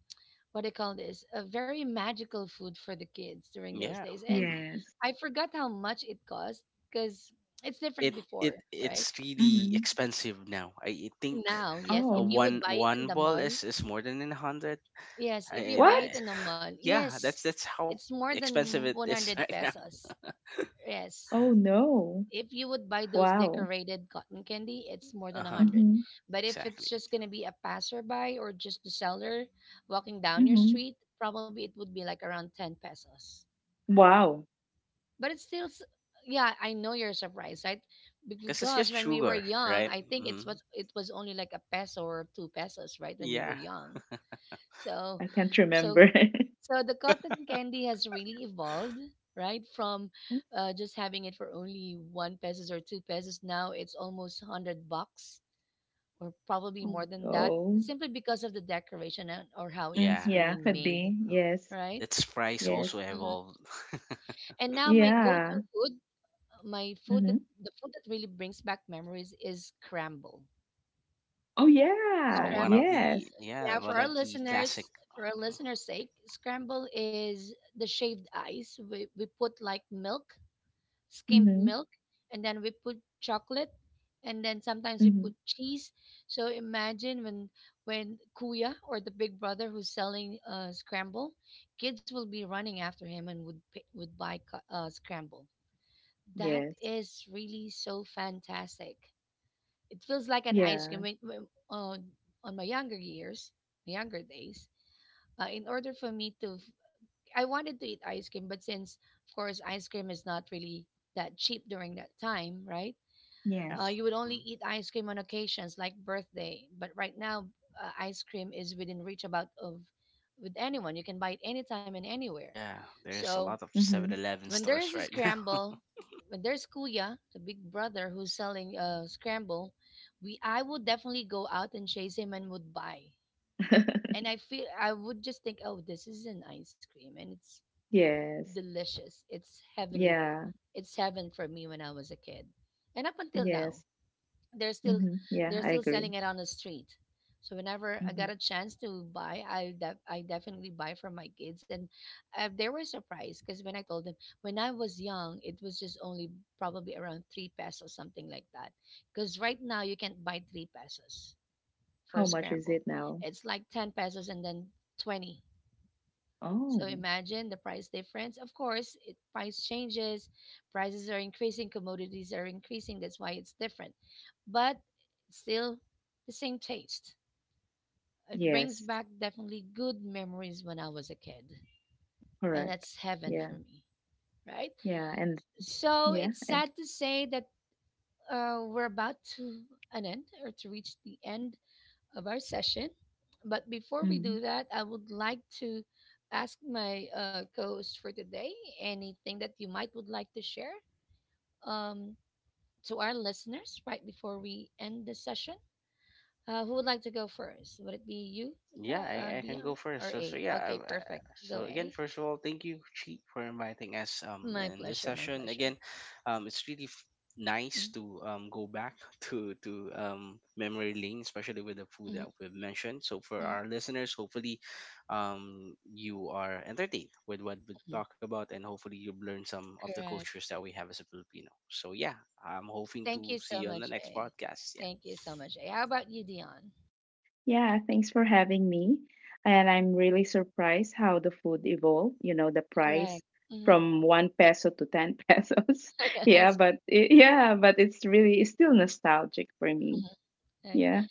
[SPEAKER 1] what do you call this, a very magical food for the kids during those
[SPEAKER 3] yeah.
[SPEAKER 1] days. And
[SPEAKER 3] Mm-hmm.
[SPEAKER 2] Yes.
[SPEAKER 1] I forgot how much it cost because it's different before, right?
[SPEAKER 3] It's really
[SPEAKER 2] Mm-hmm.
[SPEAKER 3] expensive now. I think,
[SPEAKER 1] Now, yes, if
[SPEAKER 2] Oh.
[SPEAKER 1] you would
[SPEAKER 3] one
[SPEAKER 1] buy it in the
[SPEAKER 3] ball
[SPEAKER 1] mall,
[SPEAKER 3] is more than a hundred.
[SPEAKER 1] yes, if you buy
[SPEAKER 3] I
[SPEAKER 1] it
[SPEAKER 2] What?
[SPEAKER 1] in the mall,
[SPEAKER 3] Yeah,
[SPEAKER 1] yes,
[SPEAKER 3] that's how
[SPEAKER 1] it's more
[SPEAKER 3] expensive
[SPEAKER 1] than
[SPEAKER 3] it is
[SPEAKER 1] 100
[SPEAKER 3] right now.
[SPEAKER 1] pesos. Yes,
[SPEAKER 2] Oh no.
[SPEAKER 1] if you would buy those
[SPEAKER 2] Wow.
[SPEAKER 1] decorated cotton candy, it's more
[SPEAKER 3] Uh
[SPEAKER 1] than
[SPEAKER 3] huh.
[SPEAKER 1] 100.
[SPEAKER 2] Mm-hmm.
[SPEAKER 1] But if it's
[SPEAKER 3] Exactly.
[SPEAKER 1] just going to be a passerby or just the seller walking down your
[SPEAKER 2] Mm-hmm.
[SPEAKER 1] street, probably it would be like around 10 pesos.
[SPEAKER 2] Wow.
[SPEAKER 1] But it's still yeah, I know you're surprised, right?
[SPEAKER 3] Because it's just
[SPEAKER 1] Because when we were
[SPEAKER 3] sugar,
[SPEAKER 1] young,
[SPEAKER 3] right?
[SPEAKER 1] I think
[SPEAKER 3] Hmm.
[SPEAKER 1] it was only like a peso or 2 pesos, right? When we were
[SPEAKER 3] Yeah.
[SPEAKER 1] young. So
[SPEAKER 2] I can't
[SPEAKER 1] so
[SPEAKER 2] remember.
[SPEAKER 1] so, the cotton candy has really evolved, right? From just having it for only 1 pesos or 2 pesos, now it's almost 100 bucks or probably
[SPEAKER 2] Oh
[SPEAKER 1] more than that
[SPEAKER 2] no.
[SPEAKER 1] simply because of the decoration and, or how it
[SPEAKER 2] Mm,
[SPEAKER 3] Yeah.
[SPEAKER 1] is
[SPEAKER 2] yeah,
[SPEAKER 1] being
[SPEAKER 2] could
[SPEAKER 1] made,
[SPEAKER 2] be. Yes.
[SPEAKER 1] right?
[SPEAKER 3] Its price also
[SPEAKER 2] Yes.
[SPEAKER 1] Mhm.
[SPEAKER 3] evolved.
[SPEAKER 1] And now my go-to
[SPEAKER 2] Yeah.
[SPEAKER 1] food, my food that
[SPEAKER 2] Mm-hmm.
[SPEAKER 1] the food that really brings back memories is scramble.
[SPEAKER 2] Oh
[SPEAKER 3] Oh,
[SPEAKER 2] yeah.
[SPEAKER 3] one of
[SPEAKER 1] Scramble.
[SPEAKER 3] the,
[SPEAKER 2] Yes.
[SPEAKER 3] yeah,
[SPEAKER 1] Yeah,
[SPEAKER 3] one of the classic.
[SPEAKER 1] for our listeners' sake, scramble is the shaved ice. We put like milk, skimmed
[SPEAKER 2] Mm-hmm.
[SPEAKER 1] milk, and then we put chocolate, and then sometimes we
[SPEAKER 2] Mm-hmm.
[SPEAKER 1] put cheese. So imagine when Kuya or the big brother who's selling scramble, kids will be running after him and would would buy scramble. That
[SPEAKER 2] Yes.
[SPEAKER 1] is really so fantastic. It feels like an ice
[SPEAKER 2] Yeah.
[SPEAKER 1] cream on my younger years, my younger days. In order for me to, I wanted to eat ice cream, but since of course ice cream is not really that cheap during that time, right?
[SPEAKER 3] Yeah.
[SPEAKER 2] Yes.
[SPEAKER 1] You would only
[SPEAKER 3] Mhm.
[SPEAKER 1] eat ice cream on occasions like birthday, but right now ice cream is within reach about of with anyone. You can buy it anytime and anywhere.
[SPEAKER 3] Yeah. There's a
[SPEAKER 1] So
[SPEAKER 3] lot of Seven
[SPEAKER 2] Mm-hmm.
[SPEAKER 3] Eleven
[SPEAKER 1] when there
[SPEAKER 3] stores
[SPEAKER 1] is a
[SPEAKER 3] right now.
[SPEAKER 1] scramble, when there's Kuya, the big brother who's selling scramble, we I would definitely go out and chase him and would buy. And I feel I would just think, oh, this is an ice cream and it's
[SPEAKER 2] Yes.
[SPEAKER 1] delicious. It's heaven.
[SPEAKER 2] Yeah.
[SPEAKER 1] It's heaven for me when I was a kid, and up until now
[SPEAKER 2] Yes.
[SPEAKER 1] they're still
[SPEAKER 2] Mm-hmm. Yeah,
[SPEAKER 1] they're
[SPEAKER 2] I
[SPEAKER 1] still
[SPEAKER 2] agree.
[SPEAKER 1] selling it on the street. So whenever I
[SPEAKER 2] Mm-hmm.
[SPEAKER 1] got a chance to buy, I definitely buy for my kids. And they were surprised because when I told them, when I was young, it was just only probably around 3 pesos, something like that. Because right now you can't buy 3 pesos for a
[SPEAKER 2] How much is
[SPEAKER 1] scramble.
[SPEAKER 2] it now?
[SPEAKER 1] It's like 10 pesos and then 20. So
[SPEAKER 2] Oh,
[SPEAKER 1] imagine the price difference. Of course, price changes, prices are increasing, commodities are increasing. That's why it's different, but still the same taste. It brings
[SPEAKER 2] yes,
[SPEAKER 1] back definitely good memories when I was a kid, and
[SPEAKER 2] correct.
[SPEAKER 1] that's heaven
[SPEAKER 2] Yeah,
[SPEAKER 1] for me, right?
[SPEAKER 2] yeah, and
[SPEAKER 1] So
[SPEAKER 2] yeah,
[SPEAKER 1] it's
[SPEAKER 2] and
[SPEAKER 1] sad to say that we're about to an end or to reach the end of our session. But before we
[SPEAKER 2] mhm.
[SPEAKER 1] do that, I would like to ask my co-host for today anything that you might would like to share um, to our listeners right before we end the session. Who would like to go first? Would it be you,
[SPEAKER 3] Yeah, I can go
[SPEAKER 1] Dion,
[SPEAKER 3] first.
[SPEAKER 1] or
[SPEAKER 3] So, so
[SPEAKER 1] A?
[SPEAKER 3] yeah,
[SPEAKER 1] Okay,
[SPEAKER 3] I've, uh,
[SPEAKER 1] perfect.
[SPEAKER 3] so
[SPEAKER 1] Go
[SPEAKER 3] again,
[SPEAKER 1] A.
[SPEAKER 3] first of all, thank you, Chi, for inviting us
[SPEAKER 1] My
[SPEAKER 3] in this
[SPEAKER 1] pleasure. My
[SPEAKER 3] session.
[SPEAKER 1] pleasure.
[SPEAKER 3] Again, it's really nice
[SPEAKER 1] Mhm,
[SPEAKER 3] to go back to memory lane, especially with the food
[SPEAKER 1] mhm,
[SPEAKER 3] that we've mentioned. So for
[SPEAKER 1] mhm,
[SPEAKER 3] our listeners, hopefully, you are entertained with what we
[SPEAKER 1] mhm.
[SPEAKER 3] talk about, and hopefully you've learned some of the cultures
[SPEAKER 1] Correct.
[SPEAKER 3] that we have as a Filipino. So yeah, I'm hoping
[SPEAKER 1] Thank
[SPEAKER 3] to
[SPEAKER 1] you so
[SPEAKER 3] see you on the
[SPEAKER 1] much,
[SPEAKER 3] next
[SPEAKER 1] A.
[SPEAKER 3] podcast. Yeah,
[SPEAKER 1] Thank you so much, A. How about you, Dion?
[SPEAKER 2] Yeah, thanks for having me. And I'm really surprised how the food evolved, you know, the
[SPEAKER 1] Correct.
[SPEAKER 2] price
[SPEAKER 1] Hmm.
[SPEAKER 2] from 1 peso to 10 pesos. Yeah,
[SPEAKER 1] Yes.
[SPEAKER 2] but it, yeah, but it's really, it's still nostalgic for me.
[SPEAKER 1] Mhm. Okay.
[SPEAKER 2] Yeah.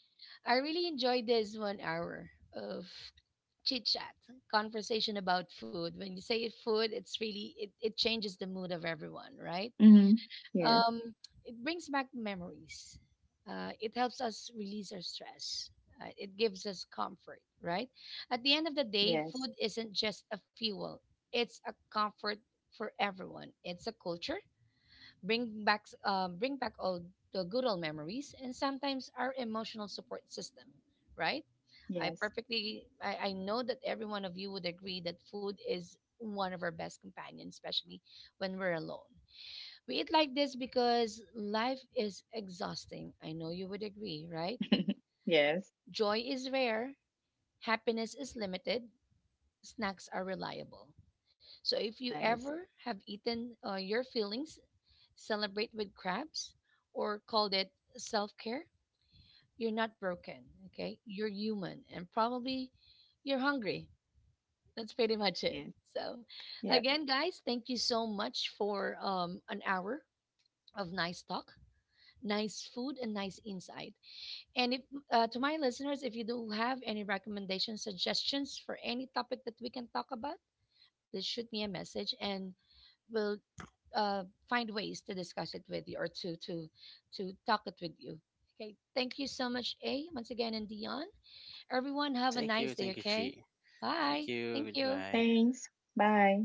[SPEAKER 1] I really enjoyed this 1 hour of chit chat, conversation about food. When you say food, it's really it changes the mood of everyone, right?
[SPEAKER 2] Mm-hmm. Yes.
[SPEAKER 1] Um, it brings back memories. It helps us release our stress. It gives us comfort, right? At the end of the day,
[SPEAKER 2] Yes.
[SPEAKER 1] food isn't just a fuel; it's a comfort for everyone. It's a culture. Bring back all the good old memories, and sometimes our emotional support system, right? I
[SPEAKER 2] Yes.
[SPEAKER 1] perfectly I, I know that every one of you would agree that food is one of our best companions, especially when we're alone. We eat like this because life is exhausting. I know you would agree, right?
[SPEAKER 2] Yes.
[SPEAKER 1] Joy is rare, happiness is limited, snacks are reliable. So if you
[SPEAKER 2] Nice.
[SPEAKER 1] ever have eaten your feelings, celebrate with crabs or called it self-care, you're not broken, okay? You're human and probably you're hungry. That's pretty much
[SPEAKER 2] Yes.
[SPEAKER 1] it. So,
[SPEAKER 2] Yep.
[SPEAKER 1] again, guys, thank you so much for an hour of nice talk, nice food, and nice insight. And if to my listeners, if you do have any recommendations, suggestions for any topic that we can talk about, just shoot me a message, and we'll uh, find ways to discuss it with you or to talk it with you. Okay, thank you so much, A, once again, and Dion. Everyone, have a nice day.
[SPEAKER 3] thank you, Chi.
[SPEAKER 1] Okay,
[SPEAKER 3] Thank
[SPEAKER 1] bye.
[SPEAKER 3] you.
[SPEAKER 1] Thank you.
[SPEAKER 3] Goodbye.
[SPEAKER 2] Thanks. Bye.